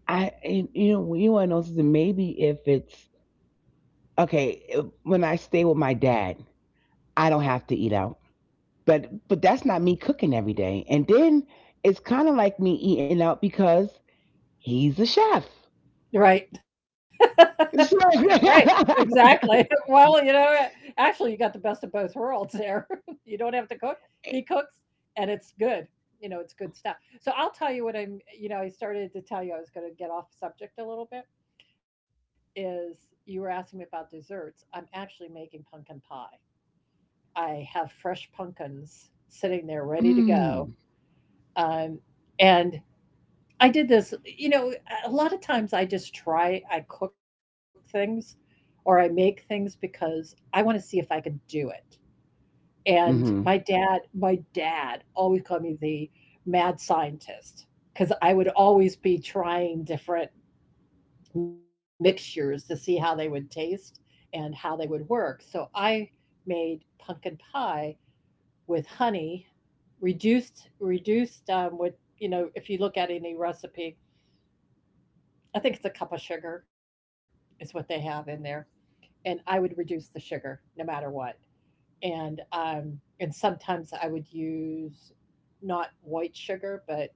I, and, you know, you want to know something? Maybe if it's okay if- when I stay with my dad, I don't have to eat out. But that's not me cooking every day. And then it's kind of like me eating out because he's a chef.
Right.
So,
Right, exactly. Well, you know, actually, you got the best of both worlds there. You don't have to cook; he cooks, and it's good. You know, it's good stuff. So I'll tell you what I'm. You know, I started to tell you I was going to get off subject a little bit. Is you were asking me about desserts? I'm actually making pumpkin pie. I have fresh pumpkins sitting there ready to go,
mm-hmm.
um, and I did this, you know, a lot of times I cook things or I make things because I want to see if I can do it. And my dad always called me the mad scientist because I would always be trying different mixtures to see how they would taste and how they would work. So I made pumpkin pie with honey, reduced, with, you know, if you look at any recipe, I think it's a cup of sugar is what they have in there, and I would reduce the sugar no matter what. And sometimes I would use not white sugar, but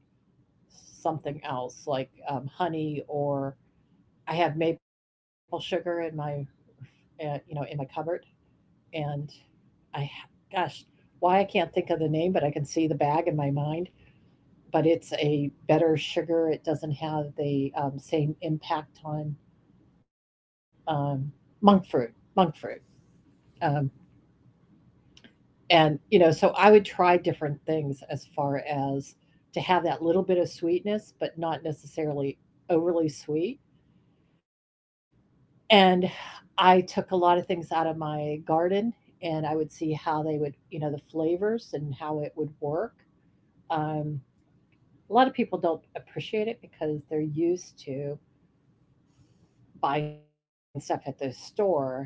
something else like honey, or I have maple sugar in my cupboard, and I ha- gosh, why I can't think of the name, but I can see the bag in my mind. But it's a better sugar. It doesn't have the same impact on, um, monk fruit, monk fruit. Um, and, you know, so I would try different things as far as to have that little bit of sweetness, but not necessarily overly sweet. And I took a lot of things out of my garden, and I would see how they would, you know, the flavors and how it would work. Um, a lot of people don't appreciate it because they're used to buying stuff at the store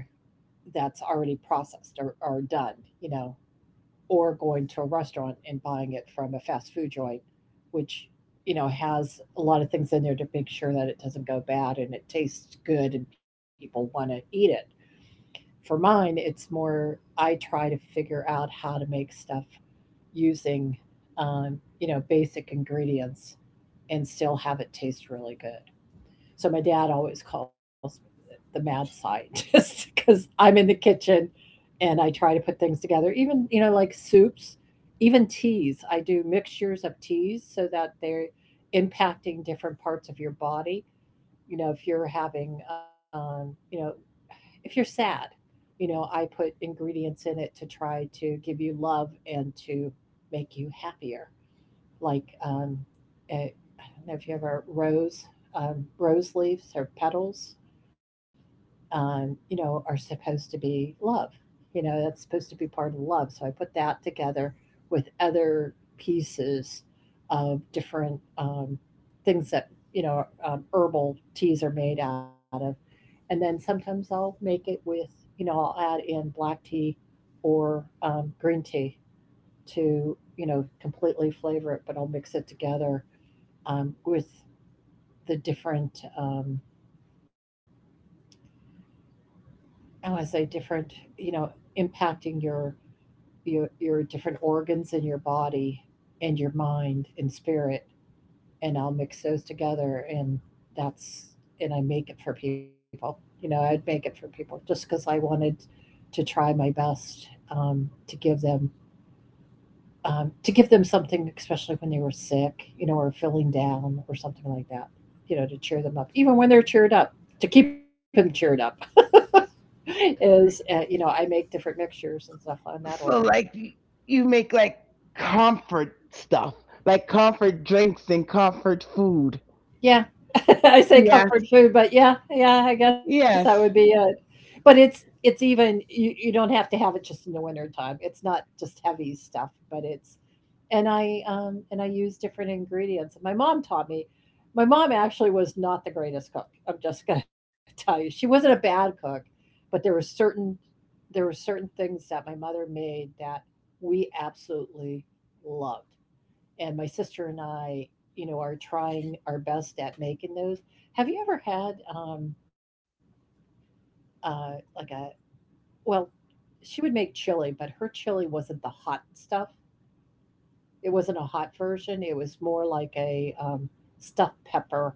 that's already processed, or done, you know, or going to a restaurant and buying it from a fast food joint, which you know has a lot of things in there to make sure that it doesn't go bad and it tastes good and people want to eat it. For mine, it's more I try to figure out how to make stuff using basic ingredients and still have it taste really good. So my dad always calls me the mad scientist because I'm in the kitchen and I try to put things together. Even, you know, like soups, even teas. I do mixtures of teas so that they're impacting different parts of your body. You know, if you're having, you know, if you're sad, you know, I put ingredients in it to try to give you love and to make you happier. Like, eh, I don't know if you ever rose leaves or petals, you know, are supposed to be love. You know, that's supposed to be part of love. So I put that together with other pieces of different things that, you know, herbal teas are made out of. And then sometimes I'll make it with, I'll add in black tea or green tea to, completely flavor it, but I'll mix it together with the different oh, as a different, you know, impacting your your different organs in your body and your mind and spirit, and I'll mix those together, that's and I make it for people. You know, I'd make it for people just because I wanted to try my best to give them something, especially when they were sick, you know, or feeling down or something like that. You know, to cheer them up, even when they're cheered up, to keep them cheered up. is, you know, I make different mixtures and stuff in that order.
So like you make like comfort stuff, like comfort drinks and comfort food.
Yeah. I say
Yes,
comfort food, but yeah, yeah, I guess that would be
yes.
it. But it's even you don't have to have it just in the winter time. It's not just heavy stuff, but it's and I use different ingredients. My mom taught me. My mom actually was not the greatest cook. I'm just going to tell you. She wasn't a bad cook, but there were certain things that my mother made that we absolutely loved, and my sister and I, you know, are trying our best at making those. Have you ever had like a well? She would make chili, but her chili wasn't the hot stuff. It wasn't a hot version. It was more like a stuffed pepper,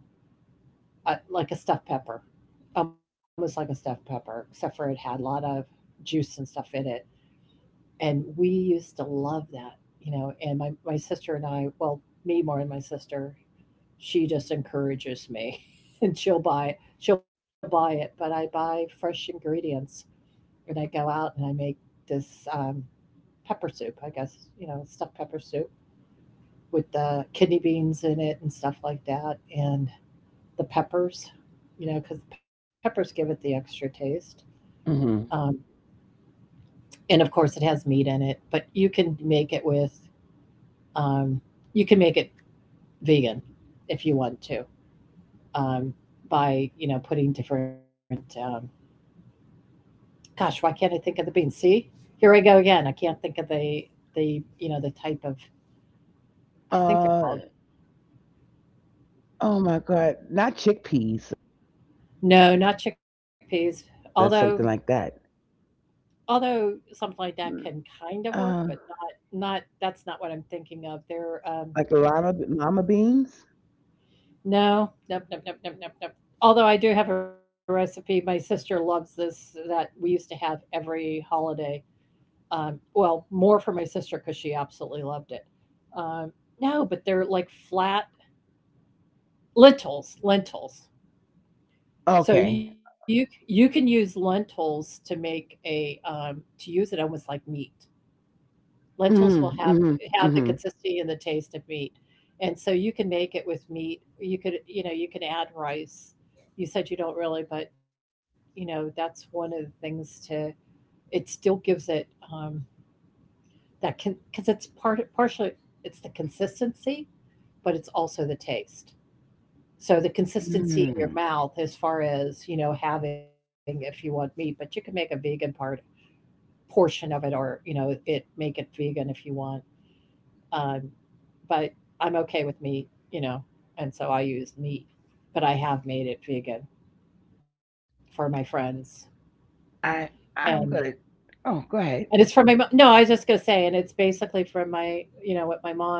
uh, like a stuffed pepper, almost like a stuffed pepper, except for it had a lot of juice and stuff in it. And we used to love that, you know. And my sister and I, well, me more and my sister, she just encourages me and she'll buy it, but I buy fresh ingredients and I go out and I make this pepper soup, I guess, you know, stuffed pepper soup with the kidney beans in it and stuff like that, and the peppers, you know, because the peppers give it the extra taste. um,
Hmm.
and of course it has meat in it, but you can make it with um, you can make it vegan if you want to, um, by, you know, putting different Gosh, why can't I think of the beans? See, here I go again. I can't think of the you know the type of I think they're called.
Uh oh my god, not chickpeas or something like that.
No, not chickpeas. Although
Mm.
although something like that
Uh,
can kind of work, but not that's not what I'm thinking of. They're
like llama llama beans.
no, nope, nope, nope, nope, nope, nope. Although I do have a recipe, my sister loves this that we used to have every holiday. Well, more for my sister because she absolutely loved it. Um, no, but they're like flat. Lentils, lentils. So
Okay.
you can use lentils to make a, to use it almost like meat. Lentils will
Mm,
have
mm,
have the
mm,
consistency and the taste of meat, and so you can make it with meat. You could, you know, you can add rice. You said you don't really, but you know that's one of the things to. It still gives it um, that can because it's partially it's the consistency, but it's also the taste. So the consistency in your
mm.
mouth as far as, you know, having if you want meat, but you can make a vegan part portion of it, or, you know, it make it vegan if you want. Um, but I'm okay with meat, you know, and so I use meat, but I have made it vegan for my friends.
I
And
I'm gonna. Oh,
and
go
it's from
ahead.
my mo- no, I was just gonna say, and it's basically from my, you know, what my mom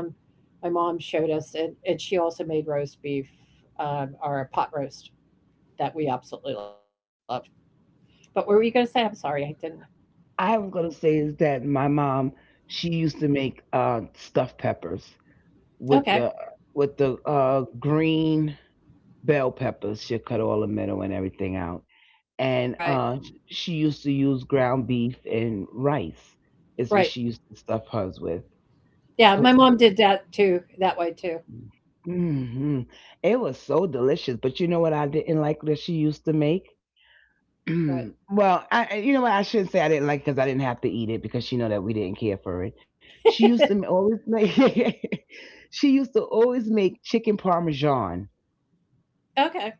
my mom showed us, and she also made roast beef or a pot roast that we absolutely love. But what were you gonna say? I'm sorry, I didn't.
I am gonna say is that my mom, she used to make stuffed peppers with
Okay.
the, with the green bell peppers. She'll cut all the middle and everything out.
Right.
And she used to use ground beef and rice. Is what
Right.
she used to stuff hers with.
Yeah, my
Puts it-
mom did that too, that way too.
hmm. It was so delicious. But you know what I didn't like that she used to make?
But
Well, you know what, I shouldn't say I didn't like because I didn't have to eat it because she know that we didn't care for it. She used to always make she used to always make chicken parmesan.
okay.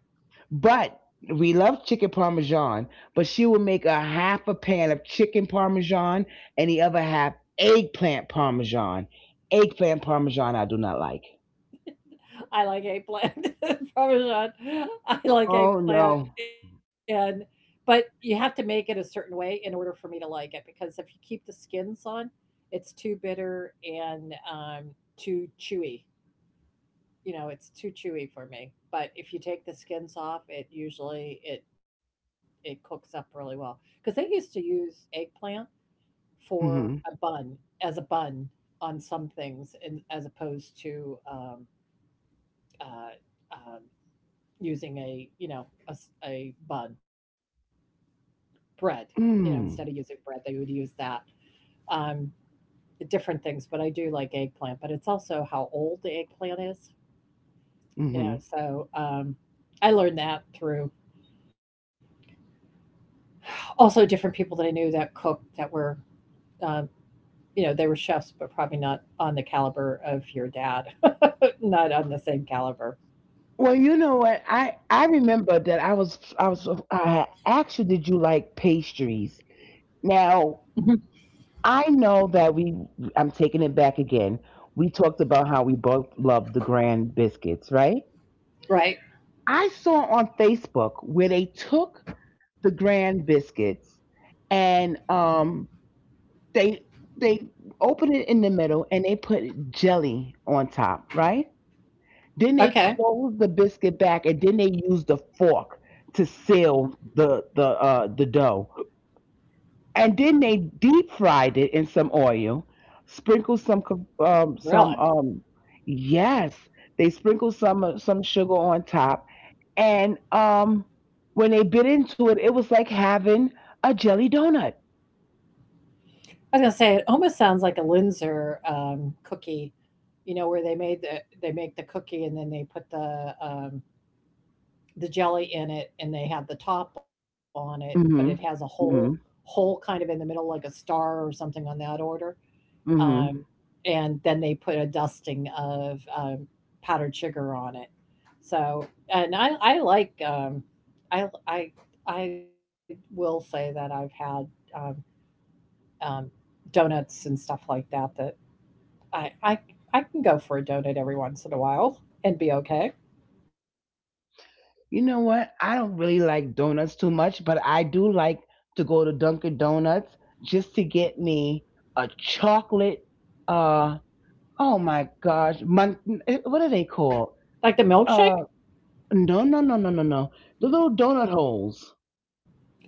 But we love chicken parmesan, but she would make a half a pan of chicken parmesan and the other half eggplant parmesan. Eggplant parmesan I do not like.
I like eggplant parmesan. I like
Oh
eggplant,
no.
and but you have to make it a certain way in order for me to like it, because if you keep the skins on, it's too bitter and too chewy. You know, it's too chewy for me. But if you take the skins off, it usually it cooks up really well, because they used to use eggplant for a
Mhm.
bun, as a bun on some things, and as opposed to uh, um, using a you know a, s- a bun bread. You know, instead of using
Mm.
bread, they would use that. Um, Different things, but I do like eggplant. But it's also how old the eggplant is. You know,
Mhm.
so I learned that through also different people that I knew that cooked that were. Um, you know, they were chefs, but probably not on the caliber of your dad, not on the same caliber.
Well, you know what? I remember that I asked you, did you like pastries?
Mhm.
Now, I know that we, I'm taking it back again. We talked about how we both love the grand biscuits, right?
Right.
I saw on Facebook where they took the grand biscuits and they they opened it in the middle and they put jelly on top, right?
Okay.
Then they closed the biscuit back and then they used the fork to seal the, the the dough. And then they deep fried it in some oil, sprinkled some co-
Really?
um some um yes, they sprinkled some sugar on top, and when they bit into it, it was like having a jelly donut.
I was gonna say it almost sounds like a Linzer cookie, you know, where they make the cookie and then they put the jelly in it and they have the top on it, but it has a
Hmm.
hole
Hmm.
hole kind of in the middle, like a star or something on that order. Um,
Hmm.
and then they put a dusting of powdered sugar on it. So, and I like I I I will say that I've had. Um, um, Donuts and stuff like that that I, I I can go for a donut every once in a while and be okay.
You know what? I don't really like donuts too much, but I do like to go to Dunkin' Donuts just to get me a chocolate. Uh, oh my gosh, what are they called?
Like the
Uh,
milkshake.
no, no, no, no, no, no. The little donut holes.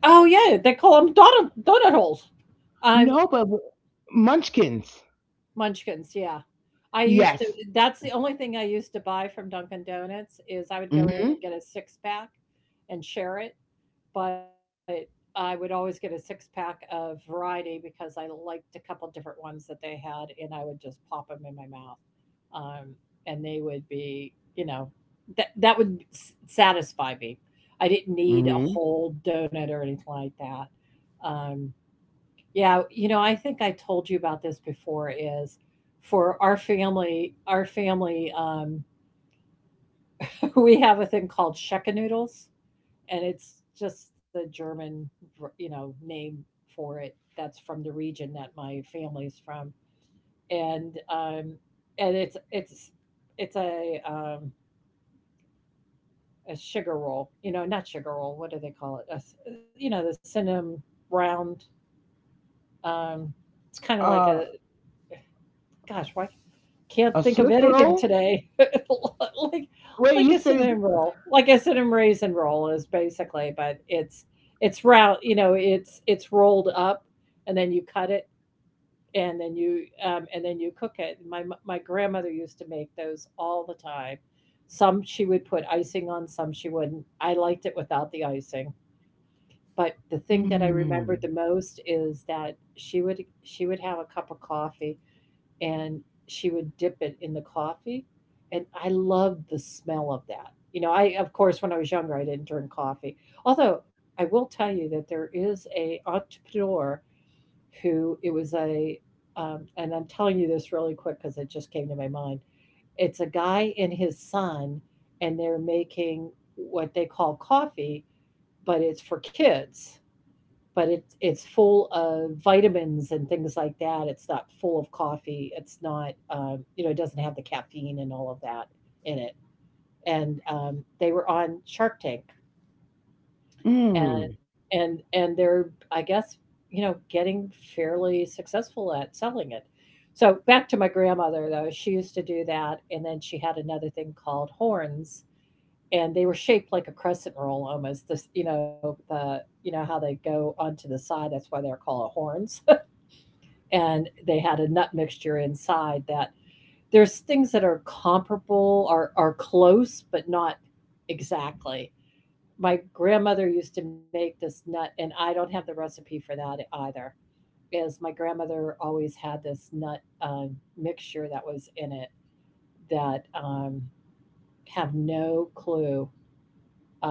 Oh yeah, they call them donut holes. I'm
No, but w- munchkins.
Munchkins. Yeah, I used to.
Yes.
That's the only thing I used to buy from Dunkin' Donuts is I would go in
Hmm.
and get a six pack and share it, but I would always get a six pack of variety because I liked a couple different ones that they had, and I would just pop them in my mouth. um, and they would be, you know, that satisfy me. I didn't need a
Hmm.
whole donut or anything like that. Um, yeah, you know, I think I told you about this before. Is for our family, we have a thing called shekke noodles, and it's just the German, you know, name for it. That's from the region that my family's from, and it's it's a um, a sugar roll, you know, not sugar roll. What do they call it? A s You know, the cinnamon round. Um, it's kind of like
Uh,
a gosh, why can't
a
think of
Swiss
anything
roll.
today? like
Wait,
like
you
a
said it's
cinnamon roll, like a cinnamon raisin roll is basically, but it's round. You know, it's rolled up, and then you cut it, and then you cook it. My grandmother used to make those all the time. Some she would put icing on, some she wouldn't. I liked it without the icing. But the thing that I remembered
mm,
the most is that she would have a cup of coffee and she would dip it in the coffee, and I loved the smell of that. You know, I of course when I was younger I didn't drink coffee. Although I will tell you that there is a entrepreneur who it was a and I'm telling you this really quick because it just came to my mind. It's a guy and his son, and they're making what they call coffee, but it's for kids, but it's full of vitamins and things like that. It's not full of coffee. It's not you know it doesn't have the caffeine and all of that in it. And they were on Shark Tank, and
mm.
and they're, I guess, you know, getting fairly successful at selling it. So back to my grandmother though, she used to do that, and then she had another thing called horns, and they were shaped like a crescent roll almost. This, you know, the you know how they go onto the side. That's why they're called horns, and they had a nut mixture inside that there's things that are comparable, are close, but not exactly. My grandmother used to make this nut, and I don't have the recipe for that either. Is my grandmother always had this nut mixture that was in it, that have no clue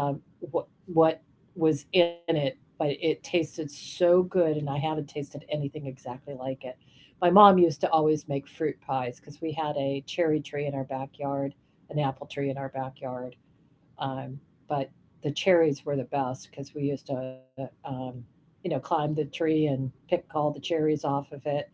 um, what was in it, but it tasted so good, and I haven't tasted anything exactly like it. My mom used to always make fruit pies because we had a cherry tree in our backyard, an apple tree in our backyard, um, but the cherries were the best because we used to, you know, climb the tree and pick all the cherries off of it.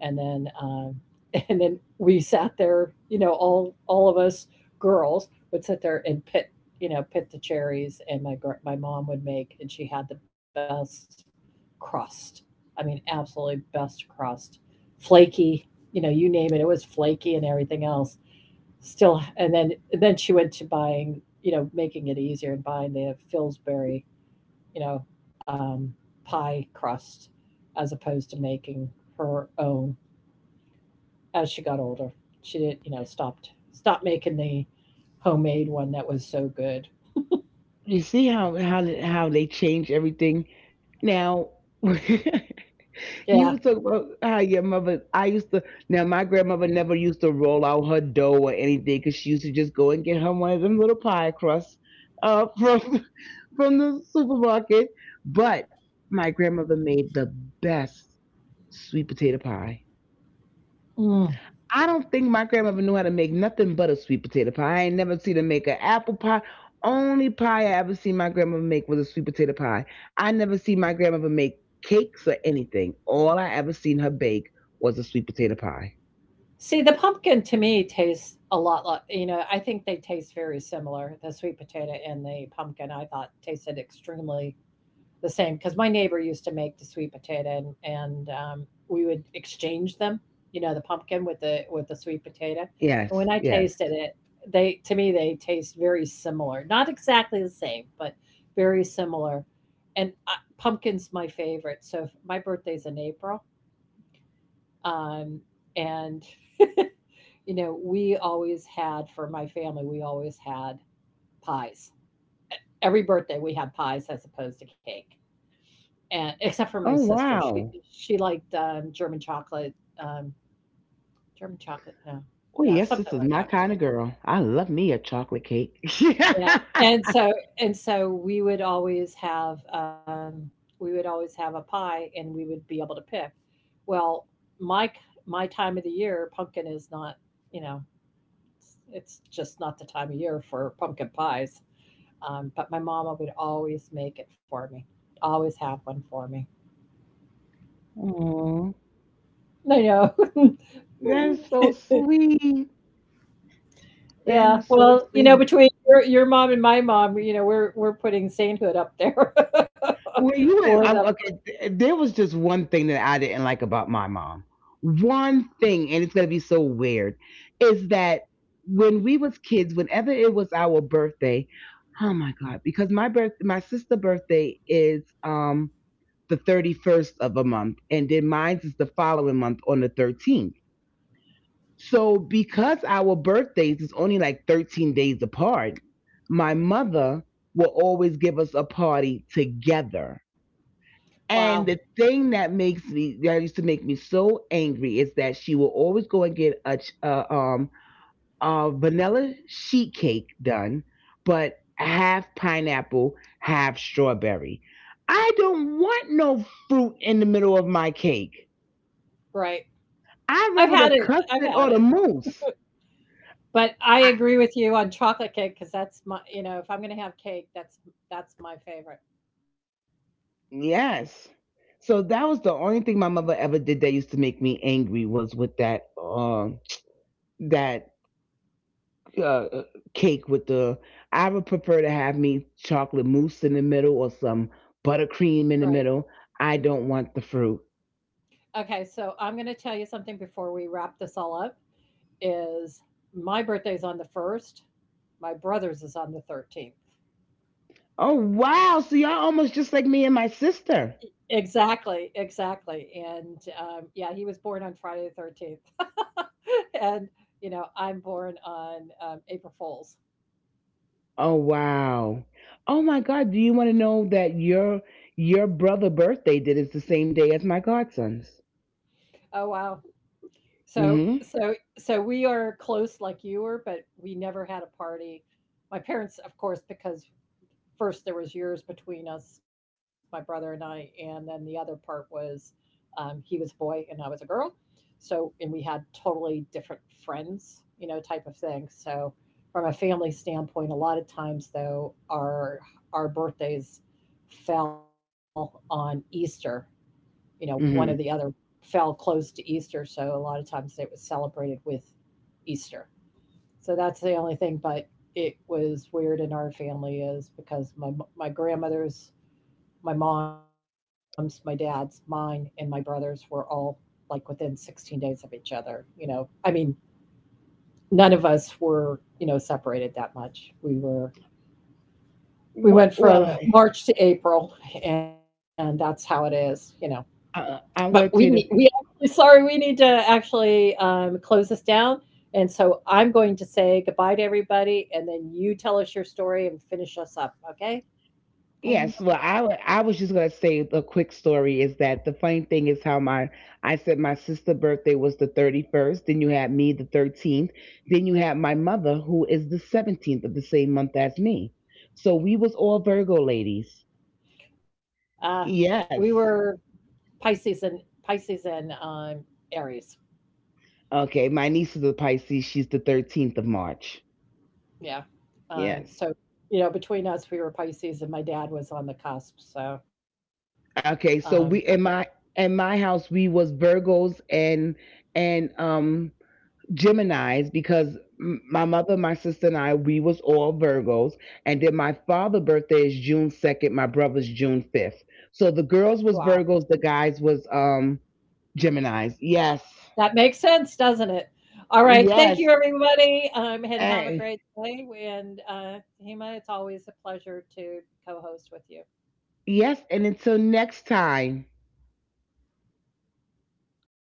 And then And then we sat there, you know, all of us girls would sit there and pit, you know, pit the cherries. And my mom would make, and she had the best crust. I mean, absolutely best crust, flaky. You know, you name it, it was flaky and everything else. Still And then she went to buying, you know, making it easier, and buying the Pillsbury, you know um, pie crust, as opposed to making her own, as she got older. She did, not, you know, stopped making the homemade one that was so good.
You see how how they change everything now. You
Yeah.
was talking about how your mother. I used to. Now my grandmother never used to roll out her dough or anything because she used to just go and get her one of them little pie crusts from from the supermarket. But my grandmother made the best sweet potato pie.
Mm.
I don't think my grandmother knew how to make nothing but a sweet potato pie. I ain't never seen her make an apple pie. Only pie I ever seen my grandmother make was a sweet potato pie. I never seen my grandmother make cakes or anything. All I ever seen her bake was a sweet potato pie.
See, the pumpkin, to me, tastes a lot like, you know, I think they taste very similar. The sweet potato and the pumpkin, I thought, tasted extremely the same, because my neighbor used to make the sweet potato, and we would exchange them, you know, the pumpkin with the sweet potato. And when
Yes,
I
yes.
tasted it, they, to me, they taste very similar, not exactly the same, but very similar. And Pumpkin's my favorite, so my birthday's in April, um, and you know, we always had, for my family, we always had pies. Every birthday we had pies as opposed to cake. And except for my
Oh
sister, she
wow.
she liked, German chocolate, German chocolate? No.
Oh
Yeah,
yes,
something
this
like
is
that.
my kind of girl. I love me a chocolate cake.
Yeah, and so, we would always have, we would always have a pie and we would be able to pick. Well, my k my time of the year, pumpkin is not, you know, it's just not the time of year for pumpkin pies, but my mama would always make it for me, always have one for me.
Oh,
I know.
that's so sweet. That
Yeah,
is so
well, you know,
sweet.
between your mom and my mom, you know, we're putting sainthood up there
Well, you
for
went
them.
I'm, okay, there was just one thing that I didn't like about my mom. One thing, and it's gonna be so weird, is that when we was kids, whenever it was our birthday, oh my god, because my sister' birthday is the 31st of a month, and then mine's is the following month on the 13th. So because our birthdays is only like 13 days apart, my mother will always give us a party together.
Wow,
And the thing that makes me, that used to make me so angry, is that she will always go and get a vanilla sheet cake done, but half pineapple, half strawberry. I don't want no fruit in the middle of my cake.
right.
I'd
I've
rather
had
the
it. I've
custard
had
or the
it.
mousse.
But I
I,
agree with you on chocolate cake, because that's my, you know, if I'm going to have cake, that's my favorite.
yes. So that was the only thing my mother ever did that used to make me angry, was with that that uh, cake with the. I would prefer to have me chocolate mousse in the middle or some buttercream in the
Right.
middle. I don't want the fruit.
Okay, so I'm going to tell you something before we wrap this all up, is my birthday's on the 1st. My brother's is on the 13th.
Oh wow! So y'all almost just like me and my sister.
Exactly, exactly. And, yeah, he was born on Friday the 13th. And, you know, I'm born on, April Fools.
Oh wow! Oh my God! Do you want to know that your brother birthday did is the same day as my godson's?
Oh, wow. So
Mm-hmm.
so we are close like you were, but we never had a party. My parents, of course, because first there was years between us, my brother and I, and then the other part was, he was a boy and I was a girl. So, and we had totally different friends, you know, type of thing. So, from a family standpoint, a lot of times though, our birthdays fell on Easter. You know, one or the
Mm-hmm.
other fell close to Easter, so a lot of times it was celebrated with Easter. So that's the only thing. But it was weird in our family, is because my grandmother's, my mom's, my dad's, mine, and my brothers were all like within 16 days of each other. You know, I mean, none of us were, you know, separated that much. We were, we went from
Well,
March to April, and that's how it is. You know. But
I'm gonna
we
tell you.
actually, sorry, we need to actually, close this down, and so I'm going to say goodbye to everybody, and then you tell us your story and finish us up, okay, Diana?
Yes, well, I was just gonna say, the quick story is that the funny thing is how my, I said my sister's birthday was the 31st, then you had me the 13th, then you had my mother, who is the 17th of the same month as me. So we was all Virgo ladies.
Uh, we were
Yes.
Pisces and Pisces and, Aries.
Okay, my niece is a Pisces. She's the 13th of March.
Yeah. Um, so,
Yes.
you know, between us, we were Pisces, and my dad was on the cusp, so, um,
Okay, so we in my, in my house, we was Virgos and Geminis, because my mother, my sister, and I, we was all Virgos, and then my father's birthday is June 2nd. My brother's June 5th. So the
wow.
girls was Virgos, the guys was Geminis. Yes,
That makes sense, doesn't it? All right. Thank you,
yes,
everybody. And have a
eh,
great day. And Hima, it's always a pleasure to co host with you.
yes. And until next time.